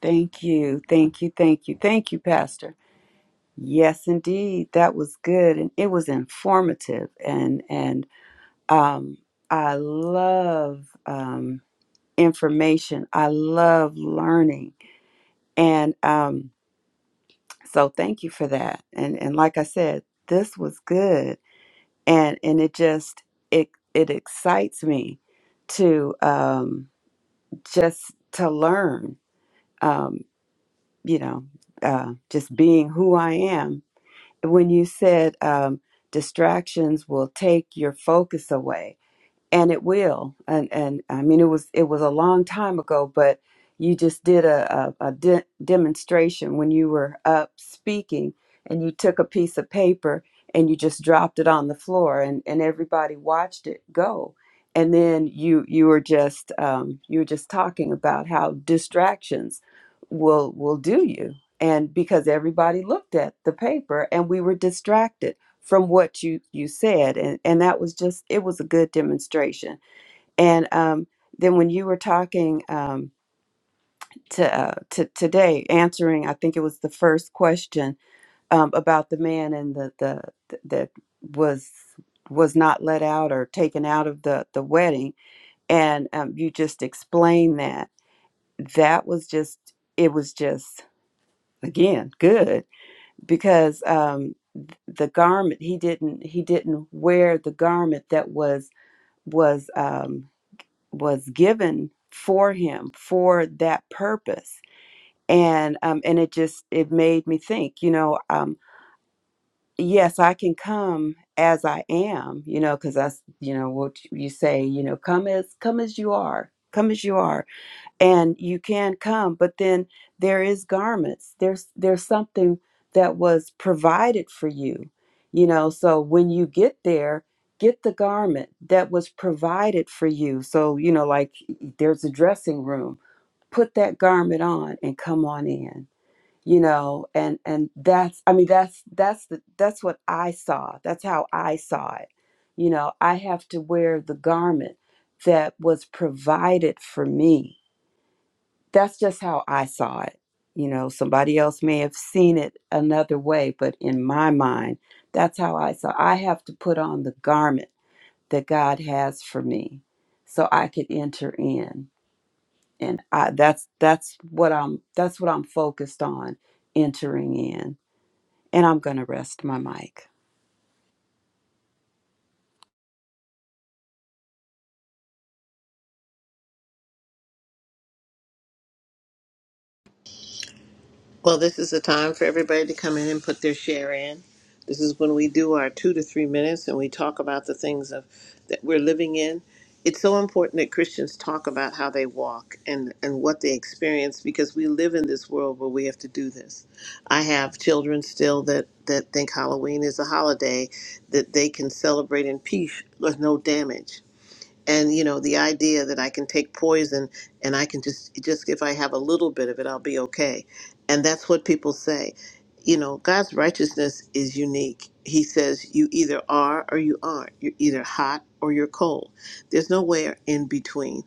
Thank you, thank you, thank you, thank you, Pastor. Yes, indeed, that was good, and it was informative, and and um, I love um, information. I love learning, and um, So thank you for that. And and like I said, this was good. And and it just it it excites me to um just to learn um you know uh just being who I am. When you said um distractions will take your focus away, and it will and and i mean it was it was a long time ago but you just did a a, a de- demonstration when you were up speaking and you took a piece of paper and you just dropped it on the floor and and everybody watched it go and then you you were just um, you were just talking about how distractions will will do you and because everybody looked at the paper and we were distracted from what you you said and and that was just it was a good demonstration and um then when you were talking um to uh to today answering i think it was the first question um about the man and the the that was was not let out or taken out of the the wedding and um you just explained that that was just it was just again good because um the garment he didn't he didn't wear the garment that was was um, was given for him for that purpose and um, and it just it made me think you know um, yes I can come as I am you know because that's you know what you say you know come as come as you are come as you are and you can come but then there is garments there's there's something that was provided for you you know so when you get there get the garment that was provided for you so you know like e, there's a dressing room put that garment on and come on in you know and and that's i mean that's that's the that's what i saw that's how i saw it you know i have to wear the garment that was provided for me that's just how I saw it. You know, somebody else may have seen it another way, but in my mind, that's how I saw. I have to put on the garment that God has for me, so I could enter in, and I, that's that's what I'm that's what I'm focused on, entering in. And I'm gonna rest my mic.
Well, this is the time for everybody to come in and put their share in. This is when we do our two to three minutes and we talk about the things of that we're living in. It's so important that Christians talk about how they walk and, and what they experience because we live in this world where we have to do this. I have children still that, that think Halloween is a holiday that they can celebrate in peace with no damage and you know the idea that i can take poison and i can just just if i have a little bit of it i'll be okay and that's what people say you know god's righteousness is unique he says you either are or you aren't you're either hot or you're cold there's nowhere in between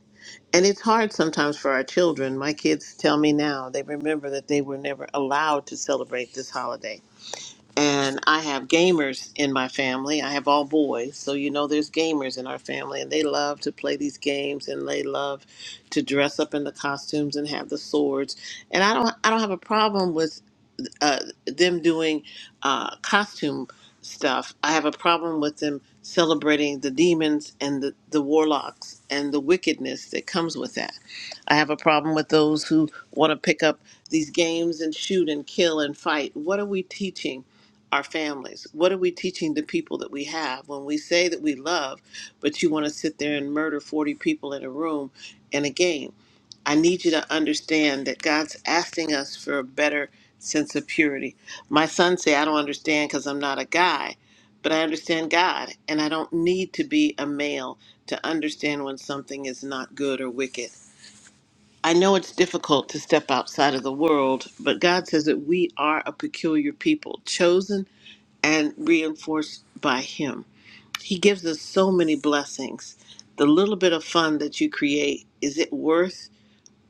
and it's hard sometimes for our children my kids tell me now they remember that they were never allowed to celebrate this holiday and I have gamers in my family. I have all boys, so you know there's gamers in our family, and they love to play these games, and they love to dress up in the costumes and have the swords. And I don't, I don't have a problem with uh, them doing uh, costume stuff. I have a problem with them celebrating the demons and the, the warlocks and the wickedness that comes with that. I have a problem with those who want to pick up these games and shoot and kill and fight. What are we teaching our families? What are we teaching the people that we have when we say that we love, but you want to sit there and murder 40 people in a room in a game? I need you to understand that God's asking us for a better sense of purity. My son say, I don't understand because I'm not a guy, but I understand God, and I don't need to be a male to understand when something is not good or wicked. I know it's difficult to step outside of the world, but God says that we are a peculiar people, chosen and reinforced by Him. He gives us so many blessings. The little bit of fun that you create, is it worth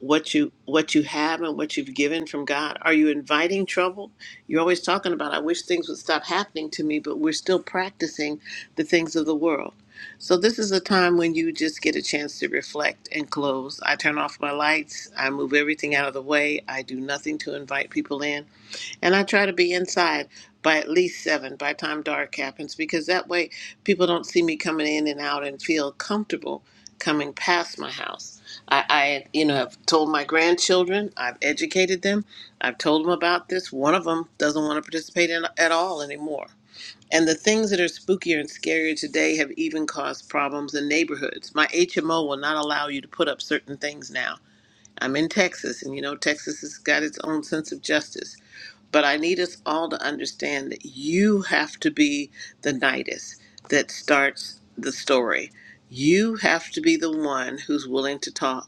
what you what you have and what you've given from God? Are you inviting trouble? You're always talking about I wish things would stop happening to me, but we're still practicing the things of the world. So this is a time when you just get a chance to reflect and close. I turn off my lights, I move everything out of the way, I do nothing to invite people in. And I try to be inside by at least seven by the time dark happens because that way people don't see me coming in and out and feel comfortable coming past my house. I, I you know, have told my grandchildren, I've educated them, I've told them about this. One of them doesn't want to participate in, at all anymore. And the things that are spookier and scarier today have even caused problems in neighborhoods. My HMO will not allow you to put up certain things now. I'm in Texas, and you know, Texas has got its own sense of justice. But I need us all to understand that you have to be the nidus that starts the story. You have to be the one who's willing to talk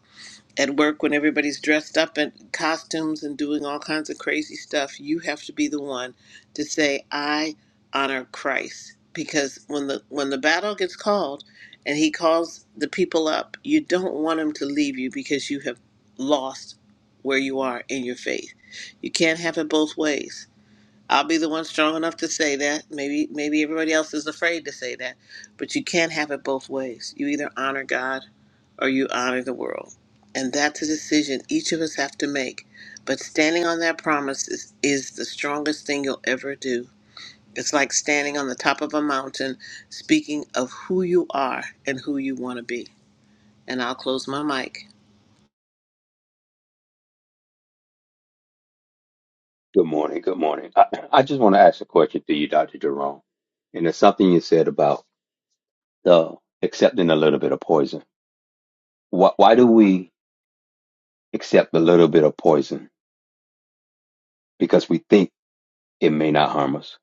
at work when everybody's dressed up in costumes and doing all kinds of crazy stuff, you have to be the one to say, I honor Christ. Because when the when the battle gets called and he calls the people up, you don't want them to leave you because you have lost where you are in your faith. You can't have it both ways. I'll be the one strong enough to say that. Maybe maybe everybody else is afraid to say that, but you can't have it both ways. You either honor God or you honor the world. And that's a decision each of us have to make. But standing on that promise is, is the strongest thing you'll ever do. It's like standing on the top of a mountain, speaking of who you are and who you want to be. And I'll close my mic.
Good morning. Good morning. I, I just want to ask a question to you, Dr. Jerome. And it's something you said about uh, accepting a little bit of poison. Why, why do we accept a little bit of poison? Because we think it may not harm us,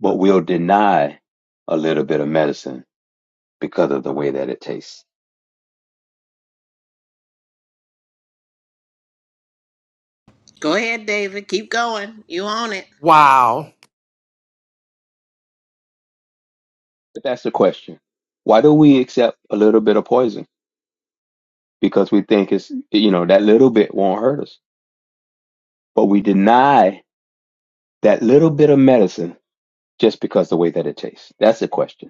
but we'll deny a little bit of medicine because of the way that it tastes.
Go ahead, David. Keep going. You own it.
Wow.
But that's the question. Why do we accept a little bit of poison? Because we think it's, you know, that little bit won't hurt us. But we deny that little bit of medicine just because the way that it tastes? That's the question.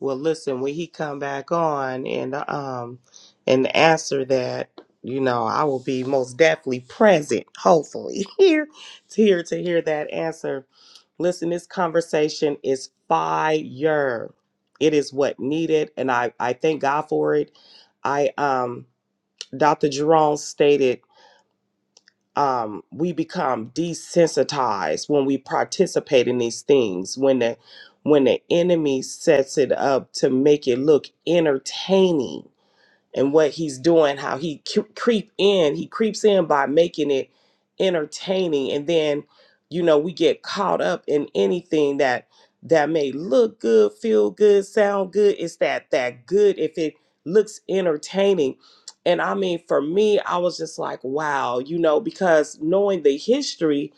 Well, listen, when he come back on and um and answer that, you know, I will be most definitely present, hopefully, here to hear to hear that answer. Listen, this conversation is fire. It is what needed, and I I thank God for it. I um Dr. Jerome stated um, we become desensitized when we participate in these things when the when the enemy sets it up to make it look entertaining and what he's doing, how he cu- creep in, he creeps in by making it entertaining, and then you know we get caught up in anything that that may look good, feel good, sound good. It's that that good if it looks entertaining. And I mean, for me, I was just like, wow, you know, because knowing the history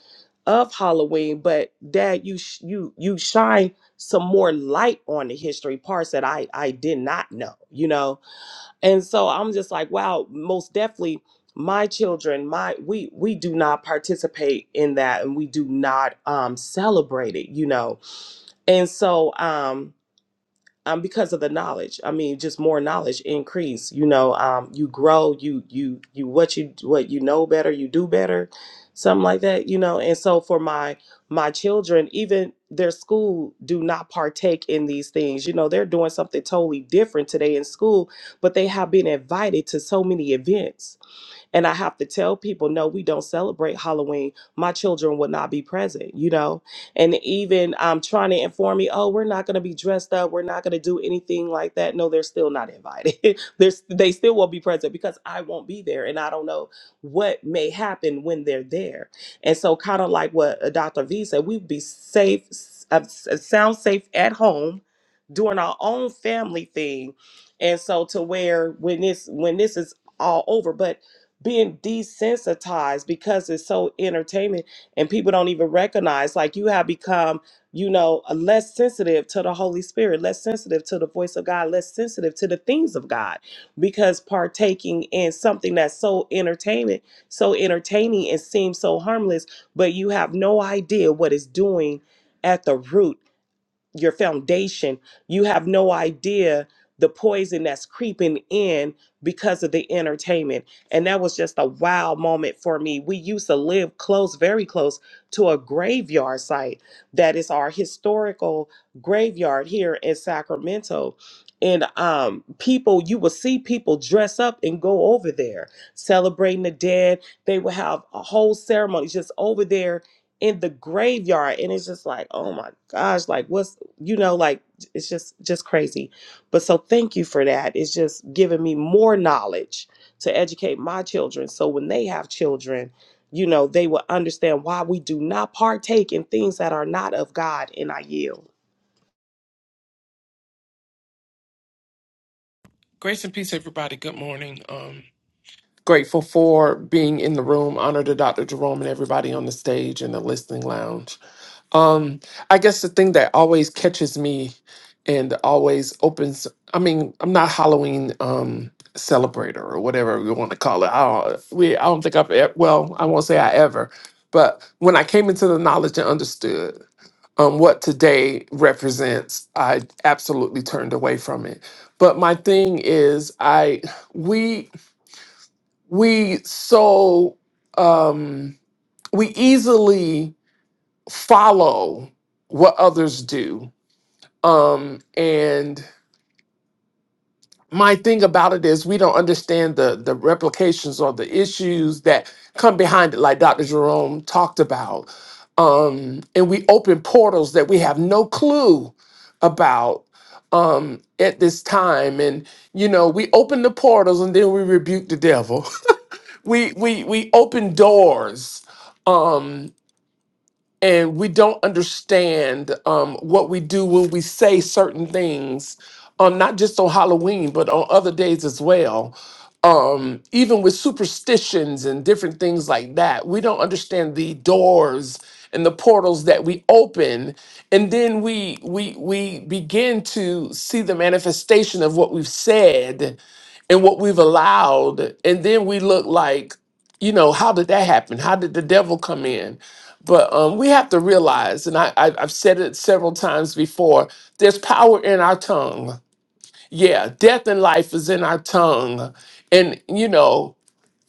of Halloween, but Dad, you sh- you you shine some more light on the history parts that I I did not know, you know and so I'm just like, wow, most definitely my children, my we we do not participate in that and we do not um celebrate it, you know. And so um um, because of the knowledge. I mean, just more knowledge increase. You know, um, you grow. You you you what you what you know better. You do better, something like that. You know, and so for my my children, even their school do not partake in these things. You know, they're doing something totally different today in school, but they have been invited to so many events and I have to tell people, no, we don't celebrate Halloween. My children would not be present, you know? And even um, trying to inform me, oh, we're not going to be dressed up. We're not going to do anything like that. No, they're still not invited. There's, they still won't be present because I won't be there. And I don't know what may happen when they're there. And so, kind of like what uh, Dr. V said, we'd be safe, s- uh, s- uh, sound safe at home doing our own family thing. And so to where when this when this is all over. But being desensitized because it's so entertainment and people don't even recognize like you have become you know less sensitive to the holy spirit less sensitive to the voice of god less sensitive to the things of god because partaking in something that's so entertaining so entertaining and seems so harmless but you have no idea what it's doing at the root your foundation, you have no idea the poison that's creeping in because of the entertainment. And that was just a wow moment for me. We used to live close, very close to a graveyard site that is our historical graveyard here in Sacramento. And um, people, you will see people dress up and go over there celebrating the dead. They will have a whole ceremony just over there in the graveyard. And it's just like, oh my gosh, like what's you know like it's just just crazy but so thank you for that it's just giving me more knowledge to educate my children so when they have children you know they will understand why we do not partake in things that are not of god and i yield
Grace and peace, everybody. Good morning. Um, Grateful for being in the room. Honor to Dr. Jerome and everybody on the stage in the listening lounge. Um, I guess the thing that always catches me and always opens, I mean, I'm not Halloween um celebrator or whatever we want to call it. I don't, we, I don't think I've, e- well, I won't say I ever, but when I came into the knowledge and understood um, what today represents, I absolutely turned away from it. But my thing is, I, we, we so, um, we easily follow what others do. Um, and my thing about it is we don't understand the the replications or the issues that come behind it, like Dr. Jerome talked about. Um, and we open portals that we have no clue about um at this time and you know we open the portals and then we rebuke the devil we we we open doors um, and we don't understand um, what we do when we say certain things, um, not just on Halloween, but on other days as well. Um, even with superstitions and different things like that, we don't understand the doors and the portals that we open, and then we we we begin to see the manifestation of what we've said and what we've allowed, and then we look like you know, how did that happen? How did the devil come in? But um, we have to realize, and I, I, I've said it several times before, there's power in our tongue. Yeah, death and life is in our tongue. And, you know,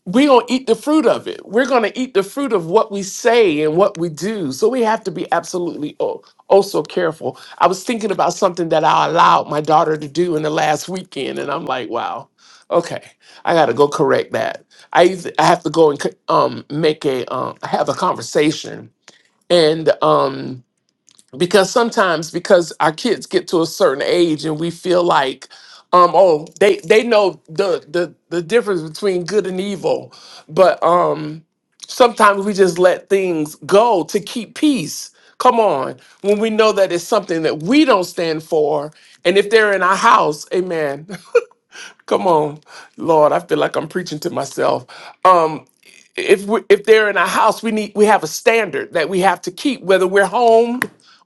we're going to eat the fruit of it. We're going to eat the fruit of what we say and what we do. So we have to be absolutely oh, oh so careful. I was thinking about something that I allowed my daughter to do in the last weekend, and I'm like, wow, okay, I got to go correct that. I, either- I have to go and co- um, make a, um, have a conversation and um because sometimes because our kids get to a certain age and we feel like um oh they they know the the the difference between good and evil but um sometimes we just let things go to keep peace come on when we know that it's something that we don't stand for and if they're in our house amen Come on, Lord, I feel like I'm preaching to myself. Um, if we, if they're in our house, we need we have a standard that we have to keep, whether we're home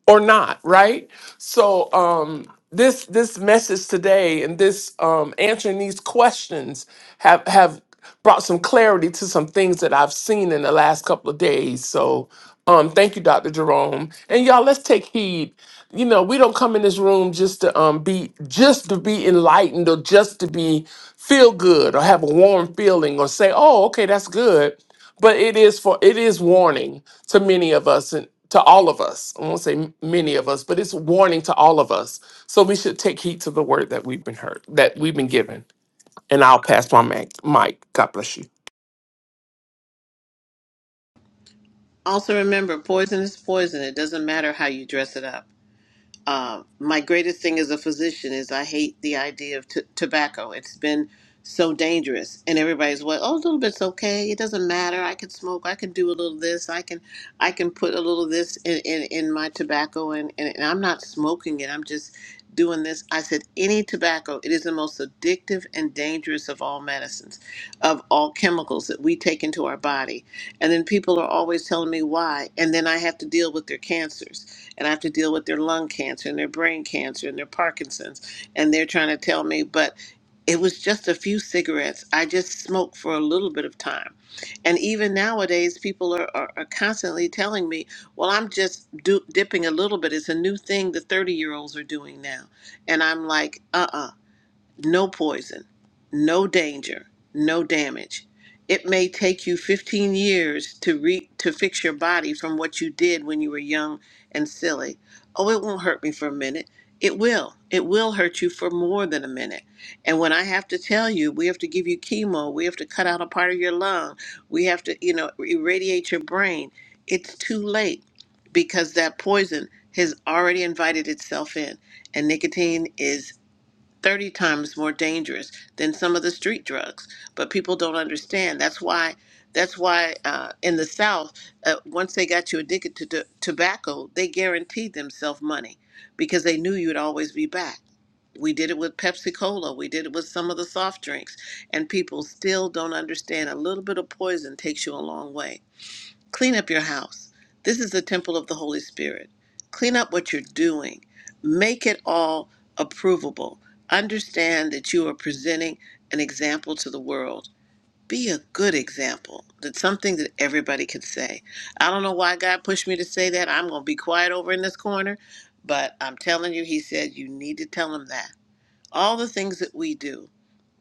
or not, right? So um this this message today and this um answering these questions have have brought some clarity to some things that I've seen in the last couple of days. So um thank you Dr. Jerome. And y'all let's take heed. You know, we don't come in this room just to um be just to be enlightened or just to be feel good or have a warm feeling or say, "Oh, okay, that's good." but it is for it is warning to many of us and to all of us i won't say m- many of us but it's warning to all of us so we should take heed to the word that we've been heard that we've been given and i'll pass my mic mic god bless you
Also, remember poison is poison. It doesn't matter how you dress it up. uh, my greatest thing as a physician is I hate the idea of t- tobacco. It's been so dangerous, and everybody's well, oh, a little bit's okay. It doesn't matter. I can smoke. I can do a little this. I can, I can put a little this in in, in my tobacco, and, and and I'm not smoking it. I'm just doing this. I said any tobacco. It is the most addictive and dangerous of all medicines, of all chemicals that we take into our body. And then people are always telling me why, and then I have to deal with their cancers and I have to deal with their lung cancer and their brain cancer and their Parkinson's. And they're trying to tell me, but it was just a few cigarettes. I just smoked for a little bit of time. And even nowadays, people are, are, are constantly telling me, well, I'm just do, dipping a little bit. It's a new thing the 30 year olds are doing now. And I'm like, uh uh no poison, no danger, no damage. It may take you 15 years to re- to fix your body from what you did when you were young and silly. Oh, it won't hurt me for a minute. It will. It will hurt you for more than a minute. And when I have to tell you, we have to give you chemo, we have to cut out a part of your lung, we have to, you know, irradiate your brain. It's too late because that poison has already invited itself in. And nicotine is 30 times more dangerous than some of the street drugs but people don't understand that's why that's why uh, in the south uh, once they got you addicted to t- tobacco they guaranteed themselves money because they knew you'd always be back we did it with pepsi cola we did it with some of the soft drinks and people still don't understand a little bit of poison takes you a long way Clean up your house. This is the temple of the Holy Spirit. Clean up what you're doing. Make it all approvable. Understand that you are presenting an example to the world. Be a good example. That's something that everybody can say. I don't know why God pushed me to say that. I'm going to be quiet over in this corner, but I'm telling you, He said you need to tell Him that. All the things that we do.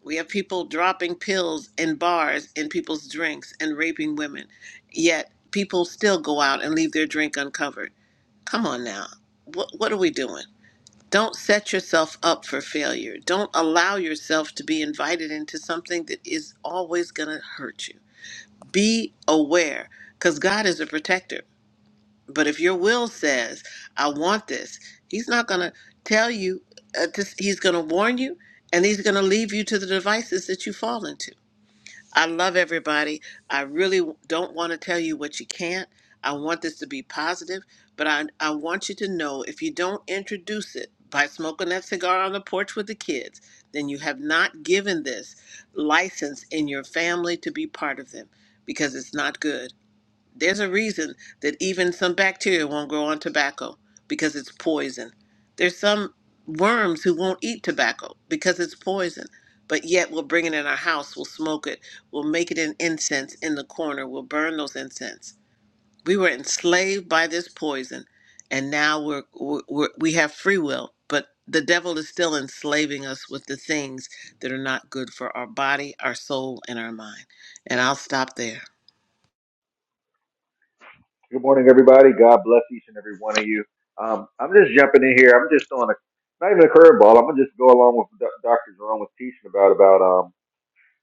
We have people dropping pills in bars in people's drinks and raping women. Yet people still go out and leave their drink uncovered. Come on now. What what are we doing? Don't set yourself up for failure. Don't allow yourself to be invited into something that is always going to hurt you. Be aware cuz God is a protector. But if your will says, I want this, he's not going to tell you, uh, this, he's going to warn you, and he's going to leave you to the devices that you fall into. I love everybody. I really don't want to tell you what you can't. I want this to be positive, but I, I want you to know if you don't introduce it by smoking that cigar on the porch with the kids, then you have not given this license in your family to be part of them because it's not good. There's a reason that even some bacteria won't grow on tobacco because it's poison. There's some worms who won't eat tobacco because it's poison, but yet we'll bring it in our house, we'll smoke it, we'll make it an incense in the corner, we'll burn those incense. We were enslaved by this poison, and now we're, we're, we're we have free will, but the devil is still enslaving us with the things that are not good for our body, our soul, and our mind. And I'll stop there.
Good morning, everybody. God bless each and every one of you. Um, I'm just jumping in here. I'm just on a not even a curveball. I'm gonna just go along with what Do- Dr. Jerome was teaching about about um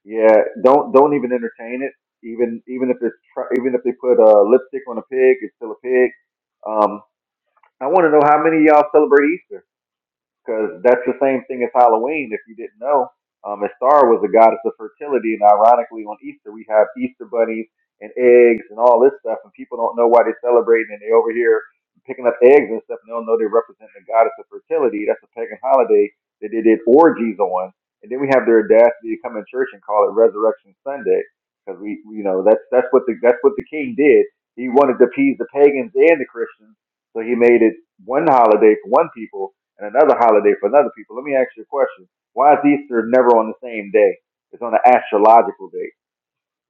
yeah don't don't even entertain it. Even even if it's tr- even if they put uh, lipstick on a pig, it's still a pig. Um, I want to know how many of y'all celebrate Easter because that's the same thing as Halloween. If you didn't know, um, Estar was a goddess of fertility, and ironically, on Easter we have Easter bunnies and eggs and all this stuff, and people don't know why they're celebrating, and they over here picking up eggs and stuff, and they don't know they represent the goddess of fertility. That's a pagan holiday that they did orgies on, and then we have their audacity to come in church and call it Resurrection Sunday because we, we- you know, that's that's what the that's what the king did. He wanted to appease the pagans and the Christians, so he made it one holiday for one people and another holiday for another people. Let me ask you a question. Why is Easter never on the same day? It's on an astrological date.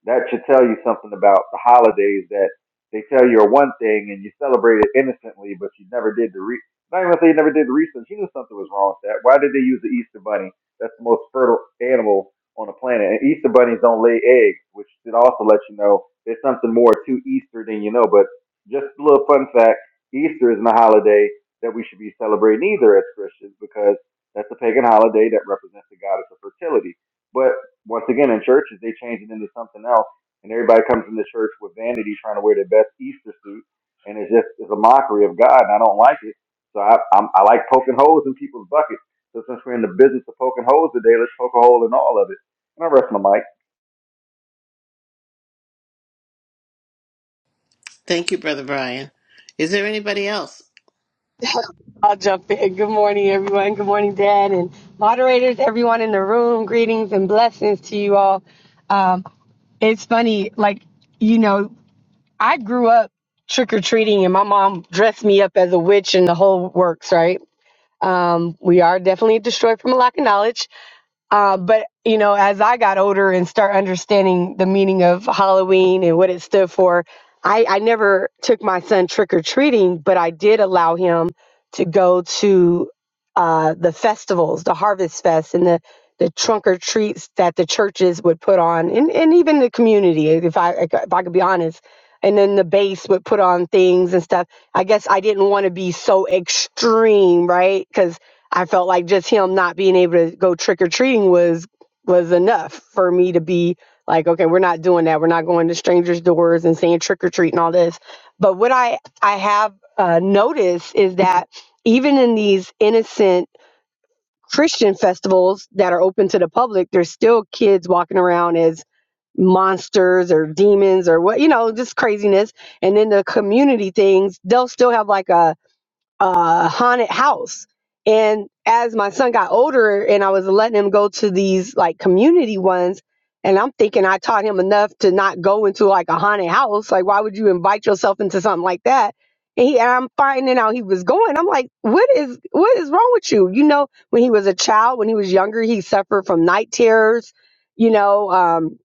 That should tell you something about the holidays that they tell you are one thing and you celebrate it innocently, but you never did the re. Not even say you never did the research. You knew something was wrong with that. Why did they use the Easter bunny? That's the most fertile animal on the planet, and Easter bunnies don't lay eggs, which should also let you know there's something more to Easter than you know. But just a little fun fact: Easter isn't a holiday that we should be celebrating either as Christians because that's a pagan holiday that represents the goddess of fertility. But once again in churches they change it into something else and everybody comes into church with vanity trying to wear their best easter suit and it's just it's a mockery of god and i don't like it so i I'm, i like poking holes in people's buckets so since we're in the business of poking holes today let's poke a hole in all of it and i rest my mic
Thank you, Brother Brian. Is there anybody else?
I'll jump in. Good morning, everyone. Good morning, Dad, and moderators, everyone in the room. Greetings and blessings to you all. Um, it's funny, like, you know, I grew up trick or treating, and my mom dressed me up as a witch and the whole works, right? Um, we are definitely destroyed from a lack of knowledge. Uh, but you know, as I got older and start understanding the meaning of Halloween and what it stood for, I, I never took my son trick or treating, but I did allow him to go to uh, the festivals, the Harvest Fest, and the the trunk or treats that the churches would put on, and, and even the community, if I if I could be honest. And then the base would put on things and stuff. I guess I didn't want to be so extreme, right? Because I felt like just him not being able to go trick or treating was was enough for me to be like, okay, we're not doing that. We're not going to strangers' doors and saying trick or treat and all this. But what I I have uh, noticed is that even in these innocent Christian festivals that are open to the public, there's still kids walking around as monsters or demons or what you know just craziness and then the community things they'll still have like a uh, haunted house. And as my son got older and I was letting him go to these like community ones, and I'm thinking I taught him enough to not go into like a haunted house. Like, why would you invite yourself into something like that? And, he, and I'm finding out he was going. I'm like, what is what is wrong with you? You know, when he was a child, when he was younger, he suffered from night terrors. You know, um,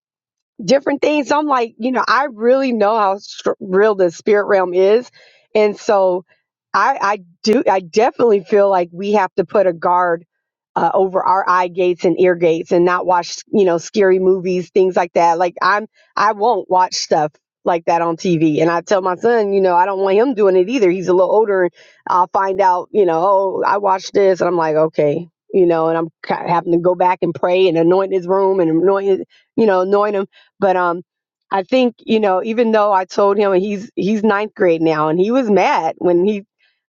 different things. So I'm like, you know, I really know how str- real the spirit realm is, and so I, I do, I definitely feel like we have to put a guard uh, over our eye gates and ear gates, and not watch, you know, scary movies, things like that. Like I'm, I won't watch stuff like that on TV, and I tell my son, you know, I don't want him doing it either. He's a little older, and I'll find out, you know, oh, I watched this, and I'm like, okay. You know, and I'm ki- having to go back and pray and anoint his room and anoint his, you know, anoint him but um, I think you know, even though I told him he's he's ninth grade now, and he was mad when he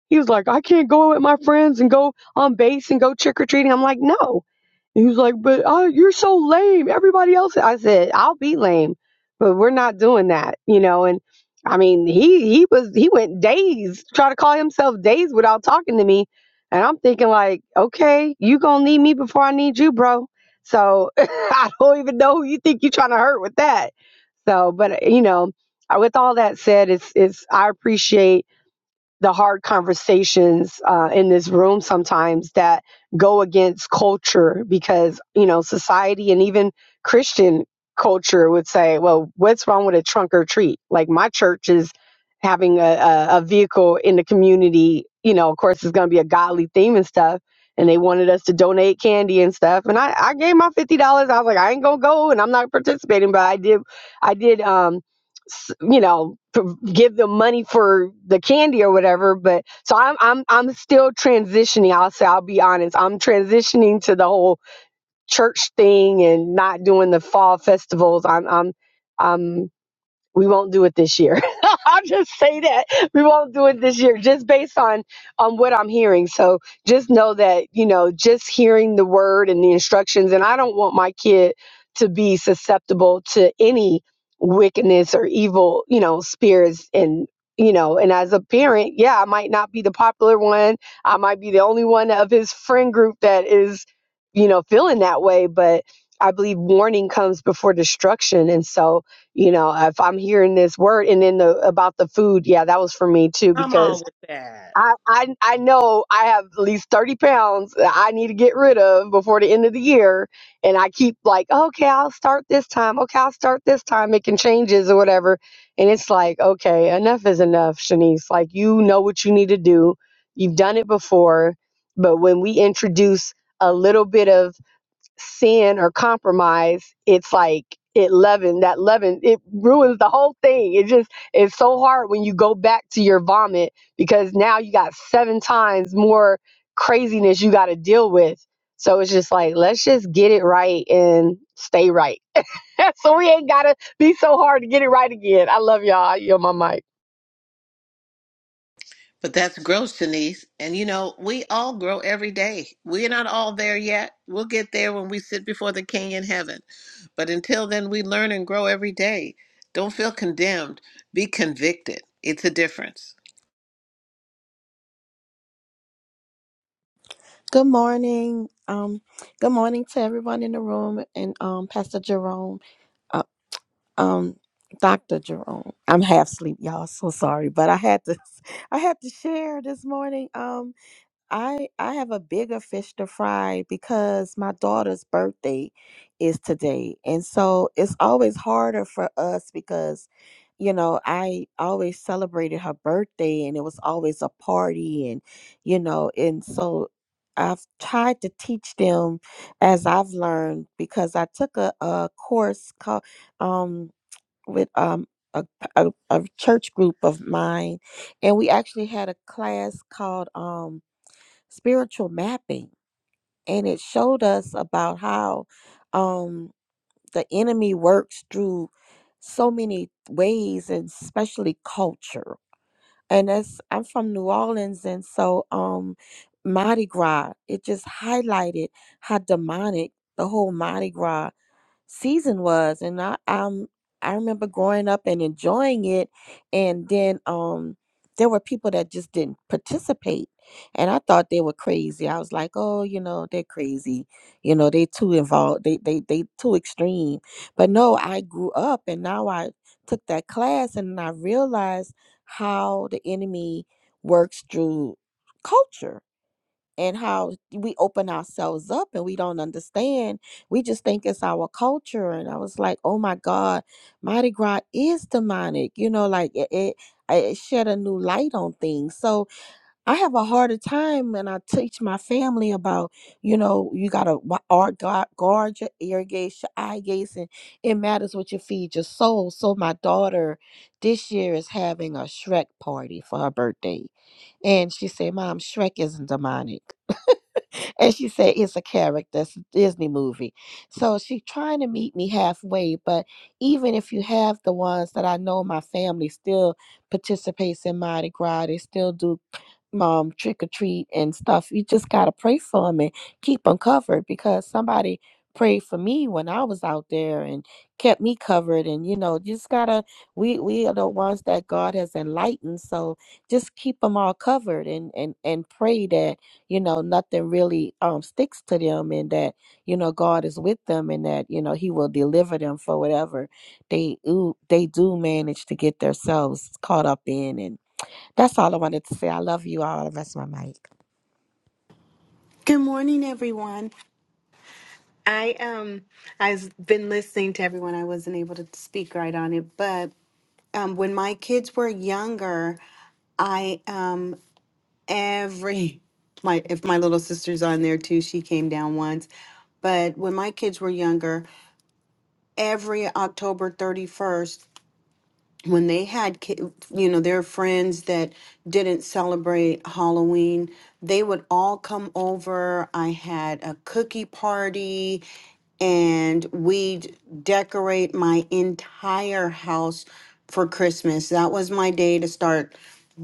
he was like, I can't go with my friends and go on base and go trick or treating. I'm like, no. And he was like, but uh, you're so lame. Everybody else. I said, I'll be lame, but we're not doing that, you know. And I mean, he he was he went days try to call himself days without talking to me, and I'm thinking like, okay, you gonna need me before I need you, bro. So I don't even know who you think you're trying to hurt with that. So, but you know, with all that said, it's it's I appreciate the hard conversations uh, in this room sometimes that go against culture because you know society and even christian culture would say well what's wrong with a trunk or treat like my church is having a, a, a vehicle in the community you know of course it's going to be a godly theme and stuff and they wanted us to donate candy and stuff and i, I gave my $50 i was like i ain't going to go and i'm not participating but i did i did um s- you know p- give them money for the candy or whatever but so i'm i'm i'm still transitioning i'll say i'll be honest i'm transitioning to the whole church thing and not doing the fall festivals i'm i'm I'm we won't do it this year. I'll just say that we won't do it this year, just based on on what I'm hearing. So just know that you know, just hearing the word and the instructions, and I don't want my kid to be susceptible to any wickedness or evil, you know, spirits and you know and as a parent yeah i might not be the popular one i might be the only one of his friend group that is you know feeling that way but i believe warning comes before destruction and so you know if i'm hearing this word and then the about the food yeah that was for me too
come on
because
with that
i i, I know i have at least 30 pounds that i need to get rid of before the end of the year and i keep like okay i'll start this time okay i'll start this time making changes or whatever and it's like okay enough is enough shanice like you know what you need to do you've done it before but when we introduce a little bit of sin or compromise, it's like it leaven that leaven it ruins the whole thing. It just it's so hard when you go back to your vomit because now you got seven times more craziness you got to deal with. So it's just like let's just get it right and stay right. so we ain't gotta be so hard to get it right again. I love y'all. You're my mic.
But that's growth, Denise. And you know, we all grow every day. We're not all there yet. We'll get there when we sit before the King in heaven. But until then, we learn and grow every day. Don't feel condemned, be convicted. It's a difference.
Good morning. Um, good morning to everyone in the room and um, Pastor Jerome, uh, um, Doctor Jerome. I'm half asleep, y'all. So sorry, but I had to, I had to share this morning. Um. I I have a bigger fish to fry because my daughter's birthday is today. And so it's always harder for us because you know, I always celebrated her birthday and it was always a party and you know, and so I've tried to teach them as I've learned because I took a, a course called um with um a, a, a church group of mine and we actually had a class called um spiritual mapping and it showed us about how um the enemy works through so many ways and especially culture and that's i'm from new orleans and so um mardi gras it just highlighted how demonic the whole mardi gras season was and I um I remember growing up and enjoying it and then um there were people that just didn't participate and I thought they were crazy. I was like, "Oh, you know, they're crazy. You know, they too involved. They they they too extreme." But no, I grew up and now I took that class and I realized how the enemy works through culture and how we open ourselves up and we don't understand. We just think it's our culture. And I was like, oh my God, Mardi Gras is demonic. You know, like it, it, it shed a new light on things. So I have a harder time when I teach my family about, you know, you got to guard, guard your ear gates, your eye gates, and it matters what you feed your soul. So my daughter this year is having a Shrek party for her birthday. And she said, Mom, Shrek isn't demonic and she said it's a character it's a disney movie so she's trying to meet me halfway but even if you have the ones that i know my family still participates in mardi gras they still do um trick or treat and stuff. You just gotta pray for them and keep them covered because somebody prayed for me when I was out there and kept me covered. And you know, just gotta we we are the ones that God has enlightened. So just keep them all covered and and and pray that you know nothing really um sticks to them and that you know God is with them and that you know He will deliver them for whatever they ooh, they do manage to get themselves caught up in and. That's all I wanted to say. I love you all. The rest of my mic.
Good morning, everyone. I um I've been listening to everyone. I wasn't able to speak right on it, but um when my kids were younger, I um every my if my little sister's on there too, she came down once. But when my kids were younger, every October 31st when they had ki- you know their friends that didn't celebrate Halloween, they would all come over. I had a cookie party and we'd decorate my entire house for Christmas. That was my day to start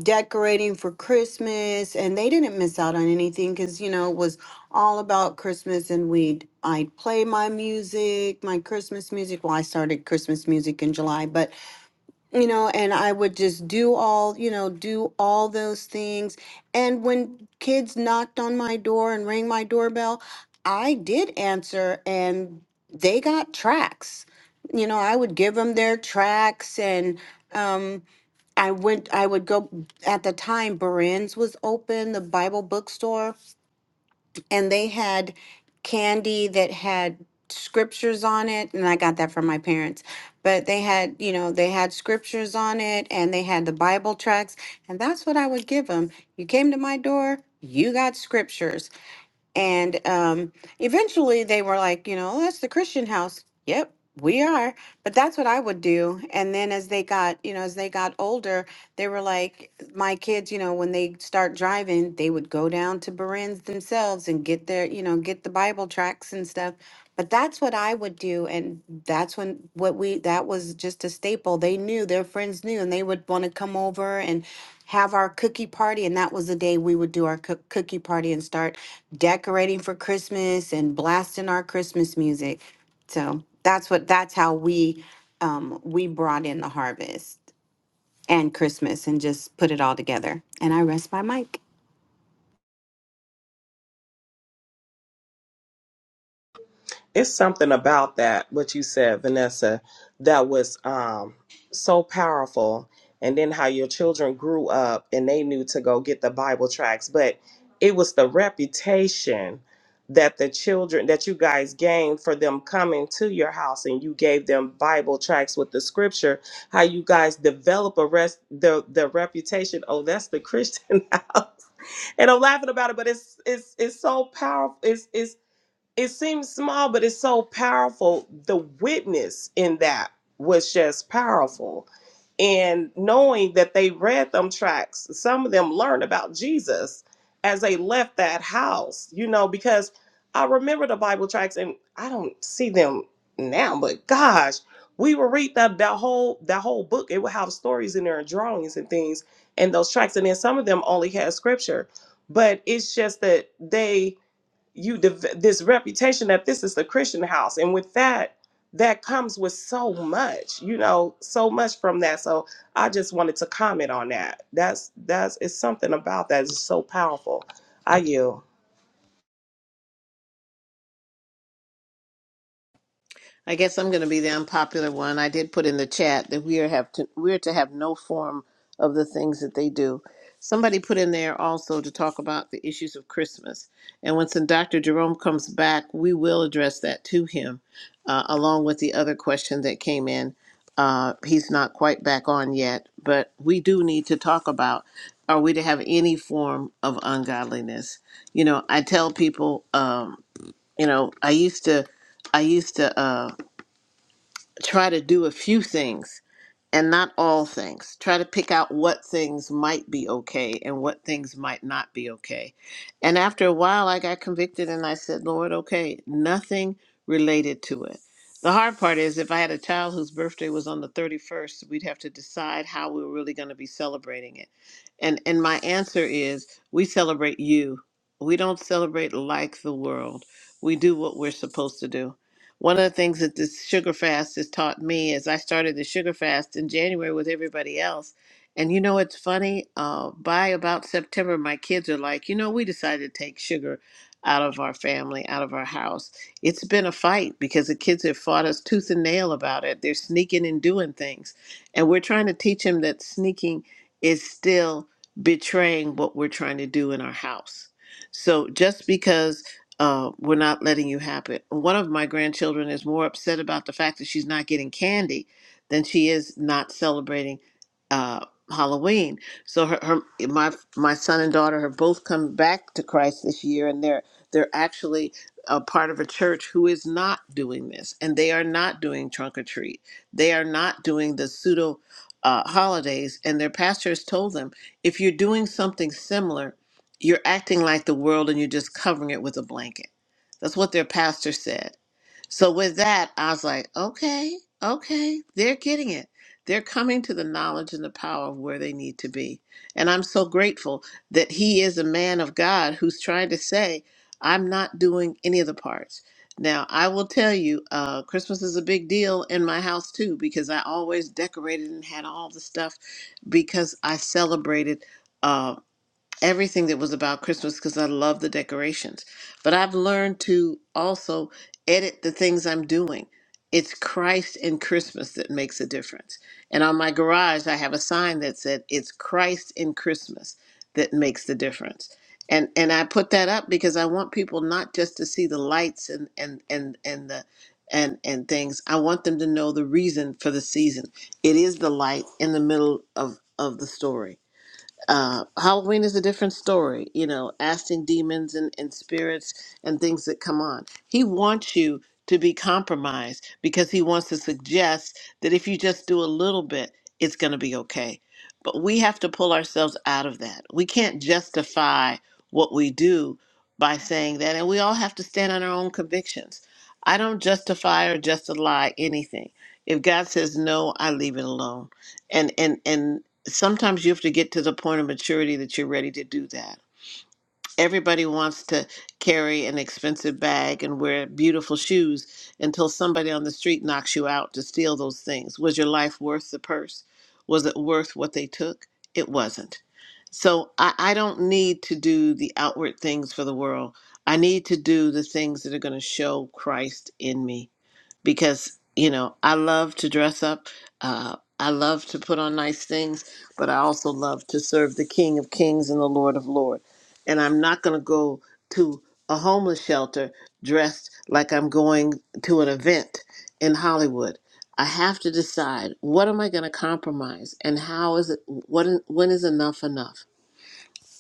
decorating for Christmas and they didn't miss out on anything cuz you know it was all about Christmas and we'd I'd play my music, my Christmas music. Well, I started Christmas music in July, but you know and i would just do all you know do all those things and when kids knocked on my door and rang my doorbell i did answer and they got tracks you know i would give them their tracks and um i went i would go at the time Beren's was open the bible bookstore and they had candy that had scriptures on it and I got that from my parents but they had you know they had scriptures on it and they had the Bible tracts and that's what I would give them you came to my door you got scriptures and um, eventually they were like, you know, that's the Christian house. Yep, we are. But that's what I would do. And then as they got, you know, as they got older, they were like, my kids, you know, when they start driving, they would go down to Beren's themselves and get their, you know, get the Bible tracts and stuff. But that's what I would do, and that's when what we that was just a staple. They knew their friends knew, and they would want to come over and have our cookie party. And that was the day we would do our cook cookie party and start decorating for Christmas and blasting our Christmas music. So that's what that's how we um, we brought in the harvest and Christmas and just put it all together. And I rest my mic.
it's something about that what you said vanessa that was um so powerful and then how your children grew up and they knew to go get the bible tracts but it was the reputation that the children that you guys gained for them coming to your house and you gave them bible tracts with the scripture how you guys develop a rest the the reputation oh that's the christian house and i'm laughing about it but it's it's it's so powerful It's it's it seems small, but it's so powerful. The witness in that was just powerful. And knowing that they read them tracks, some of them learned about Jesus as they left that house, you know, because I remember the Bible tracks and I don't see them now, but gosh, we would read that that whole that whole book. It would have stories in there and drawings and things and those tracks. And then some of them only had scripture. But it's just that they you dev- this reputation that this is the Christian house, and with that, that comes with so much, you know, so much from that. So I just wanted to comment on that. That's that's it's something about that is so powerful. I you,
I guess I'm going to be the unpopular one. I did put in the chat that we are have to we're to have no form of the things that they do. Somebody put in there also to talk about the issues of Christmas. And once Dr. Jerome comes back, we will address that to him, uh, along with the other question that came in. Uh, he's not quite back on yet, but we do need to talk about are we to have any form of ungodliness? You know, I tell people, um, you know, I used to, I used to. um, try to do a few things and not all things. Try to pick out what things might be okay and what things might not be okay. And after a while, I got convicted and I said, Lord, okay, nothing related to it. The hard part is if I had a child whose birthday was on the 31st, we'd have to decide how we were really going to be celebrating it. And and my answer is we celebrate you. We don't celebrate like the world. We do what we're supposed to do. One of the things that this sugar fast has taught me is I started the sugar fast in January with everybody else. And you know, it's funny, uh, by about September, my kids are like, you know, we decided to take sugar out of our family, out of our house. It's been a fight because the kids have fought us tooth and nail about it. They're sneaking and doing things. And we're trying to teach them that sneaking is still betraying what we're trying to do in our house. So just because uh, we're not letting you have it. One of my grandchildren is more upset about the fact that she's not getting candy than she is not celebrating uh, Halloween. So her, her, my my son and daughter have both come back to Christ this year, and they're they're actually a part of a church who is not doing this, and they are not doing trunk or treat. They are not doing the pseudo. Uh, holidays and their pastor has told them if you're doing something similar you're acting like the world and you're just covering it with a blanket. That's what their pastor said. So with that, I was like, okay, okay, they're getting it. They're coming to the knowledge and the power of where they need to be. And I'm so grateful that he is a man of God who's trying to say, I'm not doing any of the parts. Now, I will tell you, uh, Christmas is a big deal in my house too, because I always decorated and had all the stuff because I celebrated. Uh, everything that was about Christmas because I love the decorations. But I've learned to also edit the things I'm doing. It's Christ and Christmas that makes a difference. And on my garage, I have a sign that said, It's Christ and Christmas that makes the difference. And, and I put that up because I want people not just to see the lights and, and, and, and the and and things. I want them to know the reason for the season. It is the light in the middle of, of the story uh, Halloween is a different story, you know, asking demons and, and spirits and things that come on. He wants you to be compromised because he wants to suggest that if you just do a little bit, it's going to be okay. But we have to pull ourselves out of that. We can't justify what we do by saying that. And we all have to stand on our own convictions. I don't justify or justify anything. If God says no, I leave it alone. And and and sometimes you have to get to the point of maturity that you're ready to do that. Everybody wants to carry an expensive bag and wear beautiful shoes until somebody on the street knocks you out to steal those things. Was your life worth the purse? Was it worth what they took? It wasn't. So I, I don't need to do the outward things for the world. I need to do the things that are going to show Christ in me because you know I love to dress up. Uh, I love to put on nice things, but I also love to serve the King of Kings and the Lord of Lords. And I'm not going to go to a homeless shelter dressed like I'm going to an event in Hollywood. I have to decide what am I going to compromise and how is it what when is enough enough?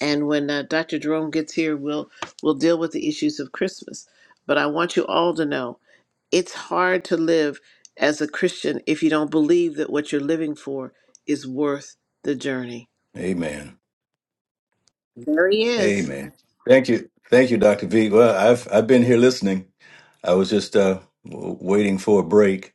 And when uh, Dr. Jerome gets here, we'll we'll deal with the issues of Christmas. But I want you all to know it's hard to live as a Christian if you don't believe that what you're living for is worth the journey.
Amen.
There he is.
Amen. Thank you. Thank you, Dr. V. Well, I've I've been here listening. I was just uh, w- waiting for a break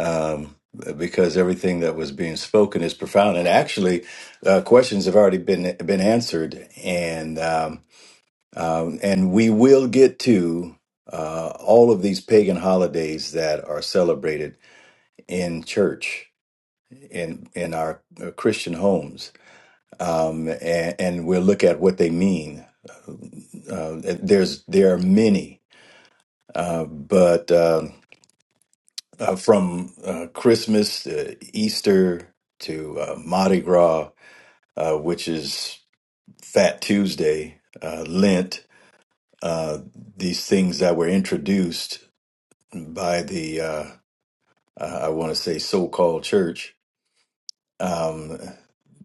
um, because everything that was being spoken is profound. And actually, uh, questions have already been been answered. And um, Um, and we will get to uh, all of these pagan holidays that are celebrated in church, in in our uh, Christian homes, um, and, and we'll look at what they mean. Uh, there's there are many, uh, but uh, uh, from uh, Christmas to Easter to uh, Mardi Gras, uh, which is Fat Tuesday, uh, Lent, uh, these things that were introduced by the uh, uh, I want to say so-called church um,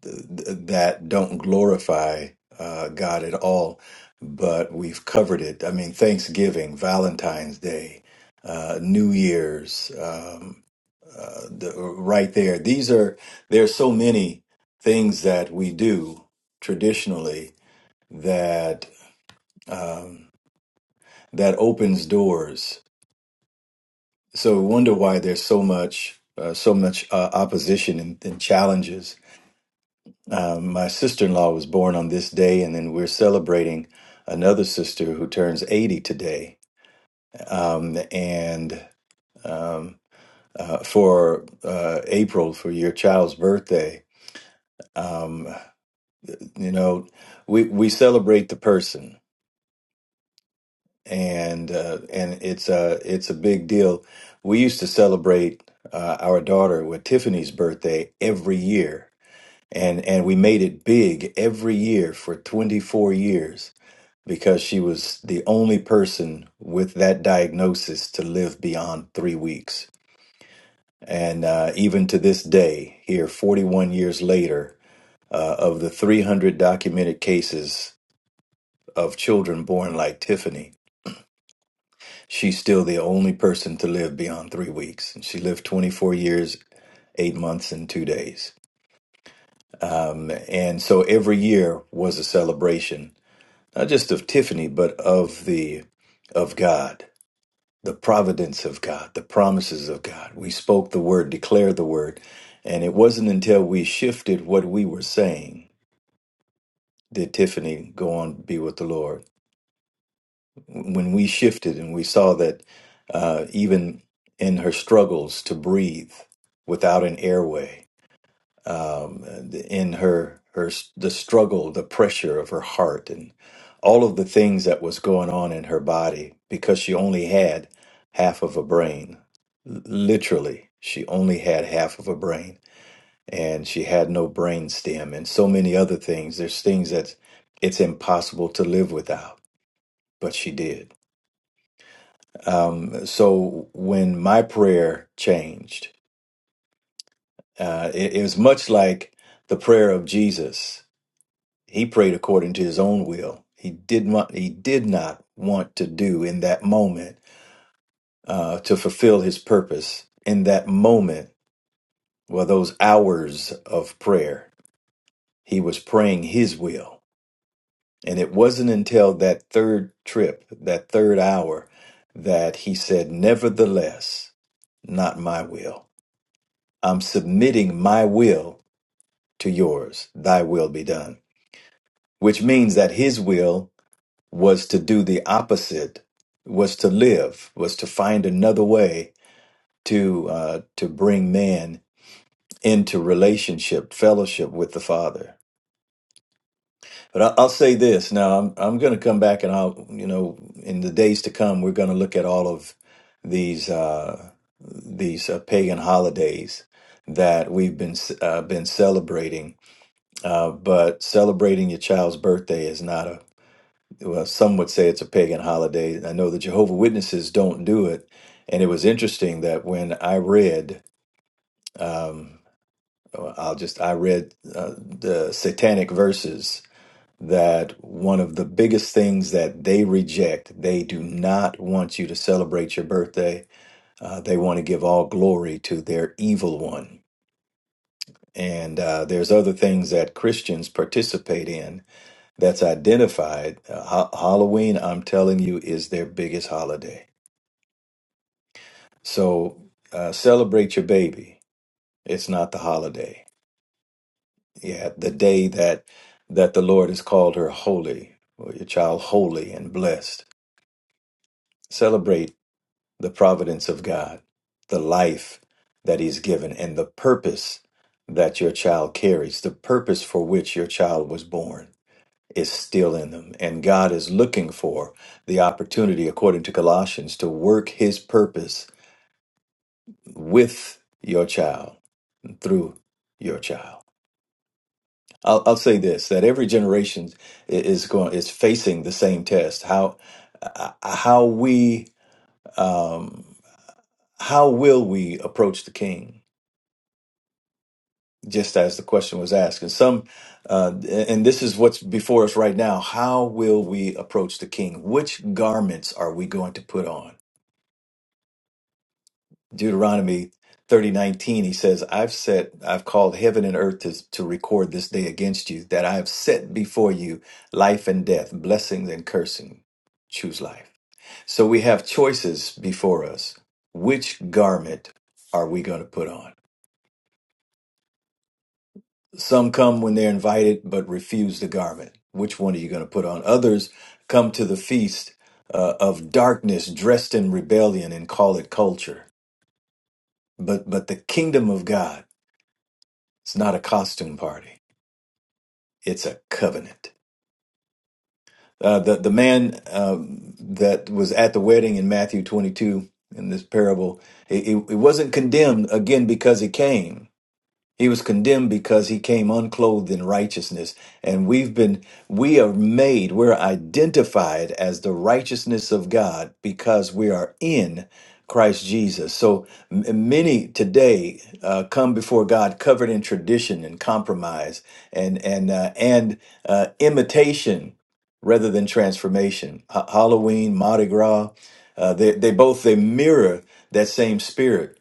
th- th- that don't glorify uh, God at all, but we've covered it. I mean, Thanksgiving, Valentine's Day, uh, New Year's, um, uh, the, right there. These are there are so many things that we do traditionally that um, that opens doors so we wonder why there's so much uh, so much uh, opposition and, and challenges. Um, my sister-in-law was born on this day, and then we're celebrating another sister who turns 80 today. Um, and um, uh, for uh, April, for your child's birthday, um, you know, we we celebrate the person, and uh, and it's a it's a big deal. We used to celebrate uh, our daughter with Tiffany's birthday every year and and we made it big every year for 24 years because she was the only person with that diagnosis to live beyond three weeks and uh, even to this day here 41 years later uh, of the 300 documented cases of children born like tiffany she's still the only person to live beyond three weeks and she lived 24 years eight months and two days um, and so every year was a celebration not just of Tiffany, but of the of God, the providence of God, the promises of God. We spoke the word, declared the word, and it wasn't until we shifted what we were saying did Tiffany go on to be with the Lord. When we shifted and we saw that uh, even in her struggles to breathe without an airway, um, in her her the struggle, the pressure of her heart, and all of the things that was going on in her body because she only had half of a brain. L- Literally, she only had half of a brain, and she had no brain stem, and so many other things. There's things that it's impossible to live without, but she did. Um, so when my prayer changed, uh, it it was much like the prayer of Jesus He prayed according to his own will. He did not, he did not want to do in that moment uh, to fulfill his purpose. In that moment, well, those hours of prayer, he was praying his will. And it wasn't until that third trip, that third hour, that he said, Nevertheless, not my will. I'm submitting my will to yours. Thy will be done. Which means that his will was to do the opposite, was to live, was to find another way to uh, to bring man into relationship, fellowship with the Father. But I- I'll say this now: I'm I'm going to come back, and I'll you know in the days to come, we're going to look at all of these uh, these uh, pagan holidays that we've been uh, been celebrating. Uh, but celebrating your child's birthday is not a well, some would say it's a pagan holiday. I know the Jehovah Witnesses don't do it, and it was interesting that when I read, um, well, I'll just I read uh, the satanic verses that one of the biggest things that they reject, they do not want you to celebrate your birthday. Uh, they want to give all glory to their evil one. And uh, there's other things that Christians participate in that's identified. Uh, ha- Halloween, I'm telling you, is their biggest holiday. So uh, celebrate your baby. It's not the holiday. Yeah, the day that that the Lord has called her holy, or your child holy and blessed. Celebrate the providence of God, the life that He's given, and the purpose that your child carries, the purpose for which your child was born. is still in them. And God is looking for the opportunity, according to Colossians, to work his purpose with your child, through your child. I'll, I'll say this that every generation i- is going is facing the same test how uh, how we um, how will we approach the king just as the question was asked and some uh, and this is what's before us right now how will we approach the king which garments are we going to put on Deuteronomy thirty nineteen, he says, I've set, I've called heaven and earth to, to record this day against you, that I have set before you life and death, blessings and cursing. Choose life. So we have choices before us. Which garment are we going to put on? Some come when they're invited but refuse the garment. Which one are you going to put on? Others come to the feast uh, of darkness dressed in rebellion and call it culture. But but the kingdom of God It's not a costume party. It's a covenant. Uh, the the man um, that was at the wedding in Matthew 22 in this parable, it, it, it wasn't condemned again because he came. He was condemned because he came unclothed in righteousness. And we've been, we are made, we're identified as the righteousness of God because we are in Christ Jesus. So m- many today uh, come before God covered in tradition and compromise and, and, uh, and uh, imitation rather than transformation. Ha- Halloween, Mardi Gras, uh, they, they both, they mirror that same spirit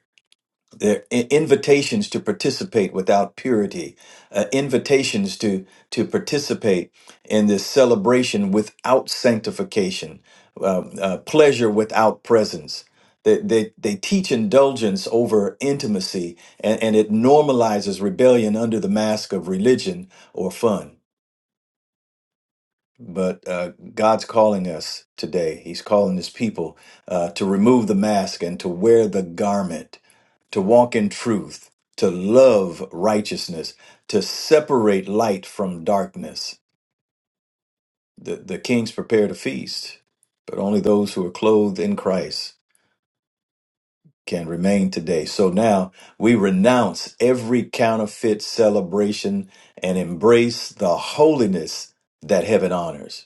they're i- invitations to participate without purity, uh, invitations to to participate in this celebration without sanctification, um, uh, pleasure without presence. They, they, they teach indulgence over intimacy, and, and it normalizes rebellion under the mask of religion or fun. But uh, God's calling us today. He's calling his people uh, to remove the mask and to wear the garment, to walk in truth, to love righteousness, to separate light from darkness. The, the kings prepared a feast, but only those who are clothed in Christ can remain today. So now we renounce every counterfeit celebration and embrace the holiness that heaven honors.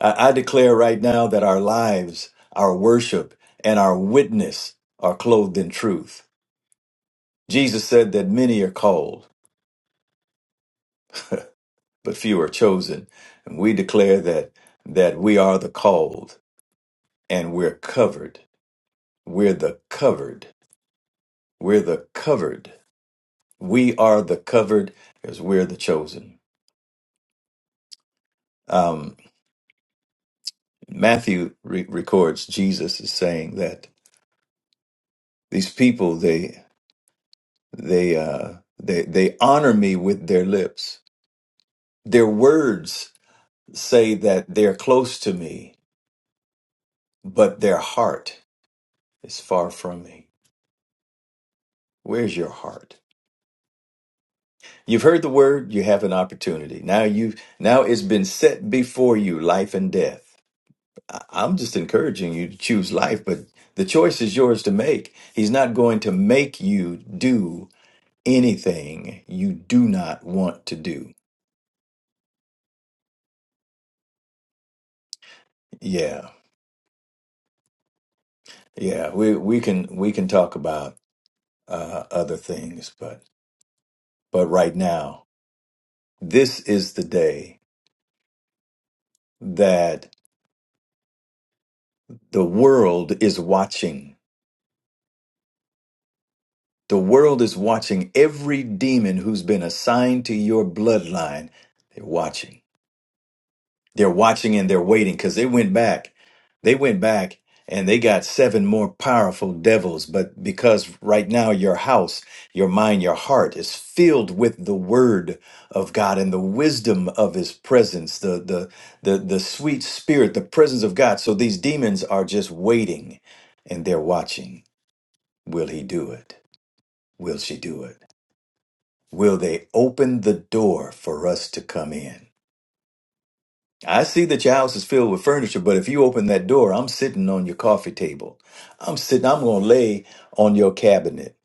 I, I declare right now that our lives, our worship, and our witness are clothed in truth. Jesus said that many are called, but few are chosen. And we declare that that we are the called and we're covered. We're the covered. We're the covered. We are the covered because we're the chosen. Um, Matthew re- records Jesus is saying that these people they they uh, they they honor me with their lips, Their words say that they're close to me, but their heart is far from me. Where's your heart? You've heard the word, you have an opportunity. Now you now it's been set before you, life and death. I- I'm just encouraging you to choose life, but the choice is yours to make. He's not going to make you do anything you do not want to do. Yeah. Yeah, we we can we can talk about uh other things, but but right now This is the day that the world is watching. The world is watching every demon who's been assigned to your bloodline. They're watching. They're watching and they're waiting because they went back. They went back and they got seven more powerful devils. But because right now your house, your mind, your heart is filled with the word of God and the wisdom of his presence, the the the the sweet spirit, the presence of God. So these demons are just waiting and they're watching. Will he do it? Will she do it? Will they open the door for us to come in? I see that your house is filled with furniture, but if you open that door, I'm sitting on your coffee table. I'm sitting, I'm going to lay on your cabinet,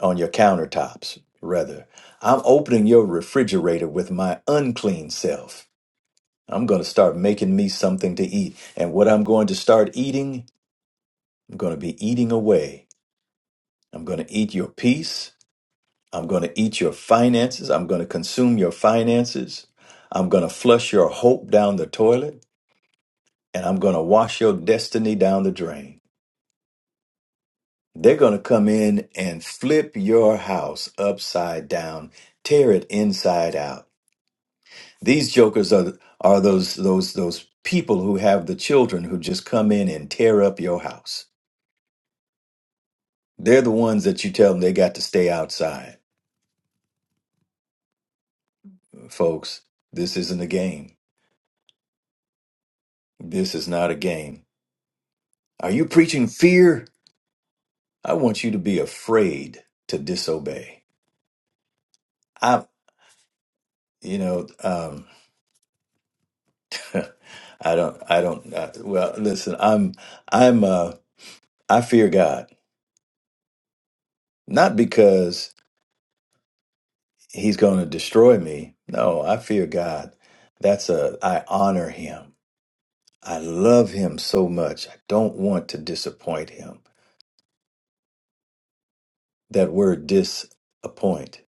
on your countertops, rather. I'm opening your refrigerator with my unclean self. I'm going to start making me something to eat. And what I'm going to start eating, I'm going to be eating away. I'm going to eat your peace. I'm going to eat your finances. I'm going to consume your finances. I'm going to flush your hope down the toilet. and I'm going to wash your destiny down the drain. They're going to come in and flip your house upside down, tear it inside out. These jokers are are those those those people who have the children who just come in and tear up your house. They're the ones that you tell them they got to stay outside. Folks, this isn't a game. This is not a game. Are you preaching fear? I want you to be afraid to disobey. I you know, um I don't, I don't, uh well, listen, I'm, I'm, uh, I fear God, not because he's going to destroy me. No, I fear God. That's a, I honor him. I love him so much. I don't want to disappoint him. That word disappoint.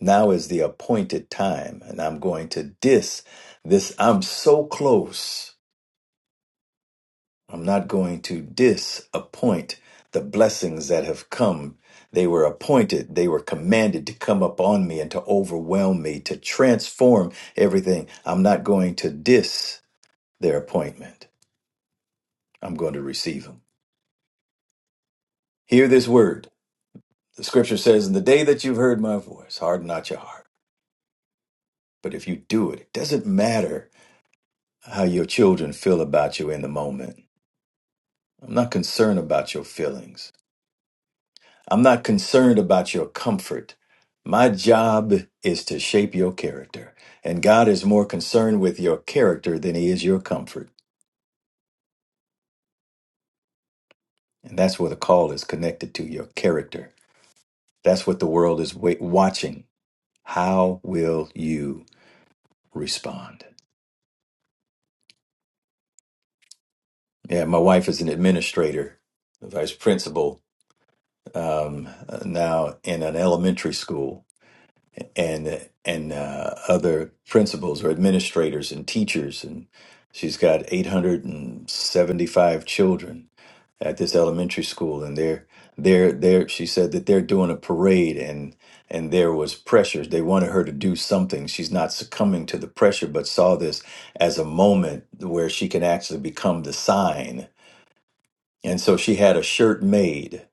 Now is the appointed time, and I'm going to dis this. I'm so close. I'm not going to disappoint the blessings that have come. They were appointed, they were commanded to come upon me and to overwhelm me, to transform everything. I'm not going to dis their appointment. I'm going to receive them. Hear this word. The scripture says, In the day that you've heard my voice, harden not your heart. But if you do it, it doesn't matter how your children feel about you in the moment. I'm not concerned about your feelings. I'm not concerned about your comfort. My job is to shape your character. And God is more concerned with your character than he is your comfort. And that's where the call is connected to your character. That's what the world is wa- watching. How will you respond? Yeah, my wife is an administrator, a vice principal um, uh, now in an elementary school. and and uh, other principals or administrators and teachers and she's got 875 children at this elementary school and they're they're they're she said that they're doing a parade and and there was pressure they wanted her to do something she's not succumbing to the pressure but saw this as a moment where she can actually become the sign and so she had a shirt made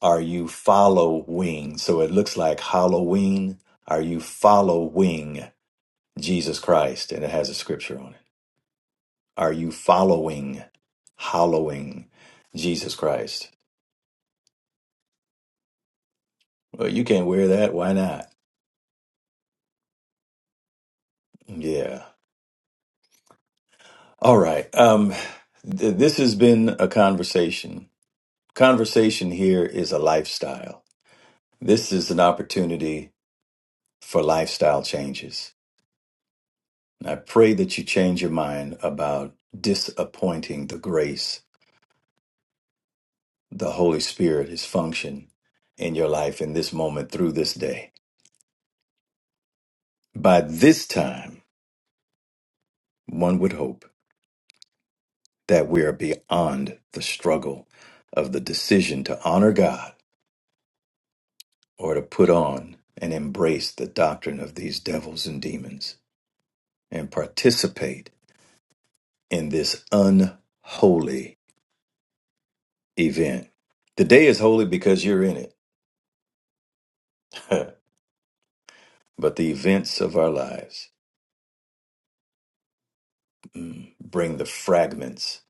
are you following? So it looks like Halloween. Are you following Jesus Christ? And it has a scripture on it. Are you following, hallowing Jesus Christ? Well, you can't wear that. Why not? Yeah. All right. Um, th- this has been a conversation. Conversation here is a lifestyle. This is an opportunity for lifestyle changes. And I pray that you change your mind about disappointing the grace the Holy Spirit is function in your life in this moment through this day. By this time, one would hope that we are beyond the struggle of the decision to honor God or to put on and embrace the doctrine of these devils and demons and participate in this unholy event. The day is holy because you're in it, but the events of our lives mm, bring the fragments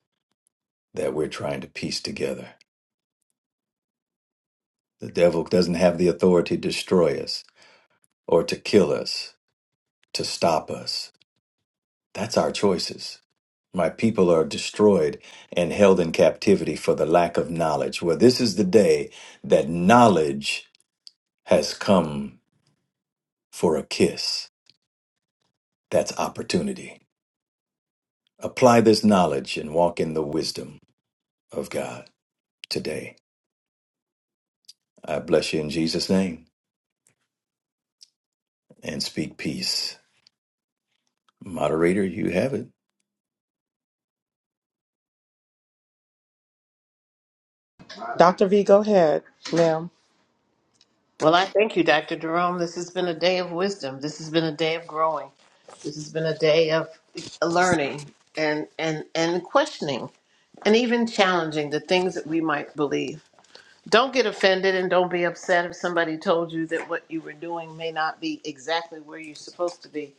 that we're trying to piece together The devil doesn't have the authority to destroy us or to kill us, to stop us. That's our choices. My people are destroyed and held in captivity for the lack of knowledge. Well, this is the day that knowledge has come for a kiss. That's opportunity. Apply this knowledge and walk in the wisdom of God today. I bless you in Jesus' name and speak peace. Moderator, you have it.
Doctor V, go ahead, ma'am.
Well, I thank you, Dr. Jerome. This has been a day of wisdom. This has been a day of growing. This has been a day of learning and and and questioning and even challenging the things that we might believe. Don't get offended and don't be upset if somebody told you that what you were doing may not be exactly where you're supposed to be.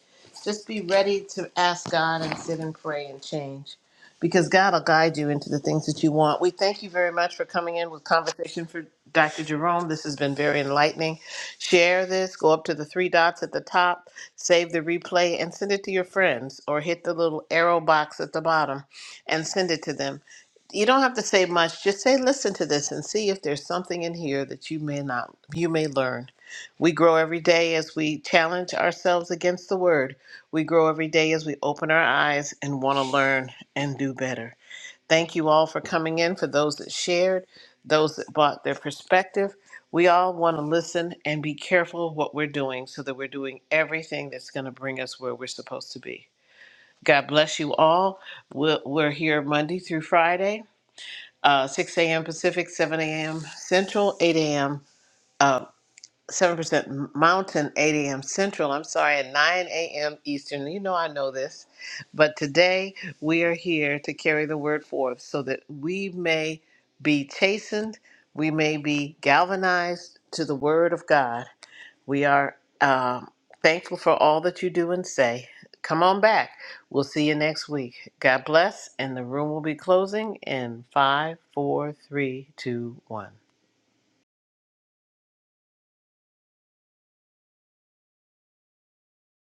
Just be ready to ask God and sit and pray and change because God will guide you into the things that you want. We thank you very much for coming in with Conversation for Dr. Jerome. This has been very enlightening. Share this, go up to the three dots at the top, save the replay, and send it to your friends or hit the little arrow box at the bottom and send it to them you don't have to say much. Just say, listen to this and see if there's something in here that you may not, you may learn. We grow every day as we challenge ourselves against the word. We grow every day as we open our eyes and want to learn and do better. Thank you all for coming in, for those that shared, those that brought their perspective. We all want to listen and be careful of what we're doing so that we're doing everything that's going to bring us where we're supposed to be. God bless you all. We're, we're here Monday through Friday uh, 6 a.m. Pacific, 7 a.m. Central, 8 a.m. Uh, 7% Mountain, 8 a.m. Central. I'm sorry, at 9 a.m. Eastern. You know I know this, but today we are here to carry the word forth so that we may be chastened, we may be galvanized to the word of God we are um, thankful for all that you do and say. Come on back. We'll see you next week. God bless, and the room will be closing in five, four, three, two, one.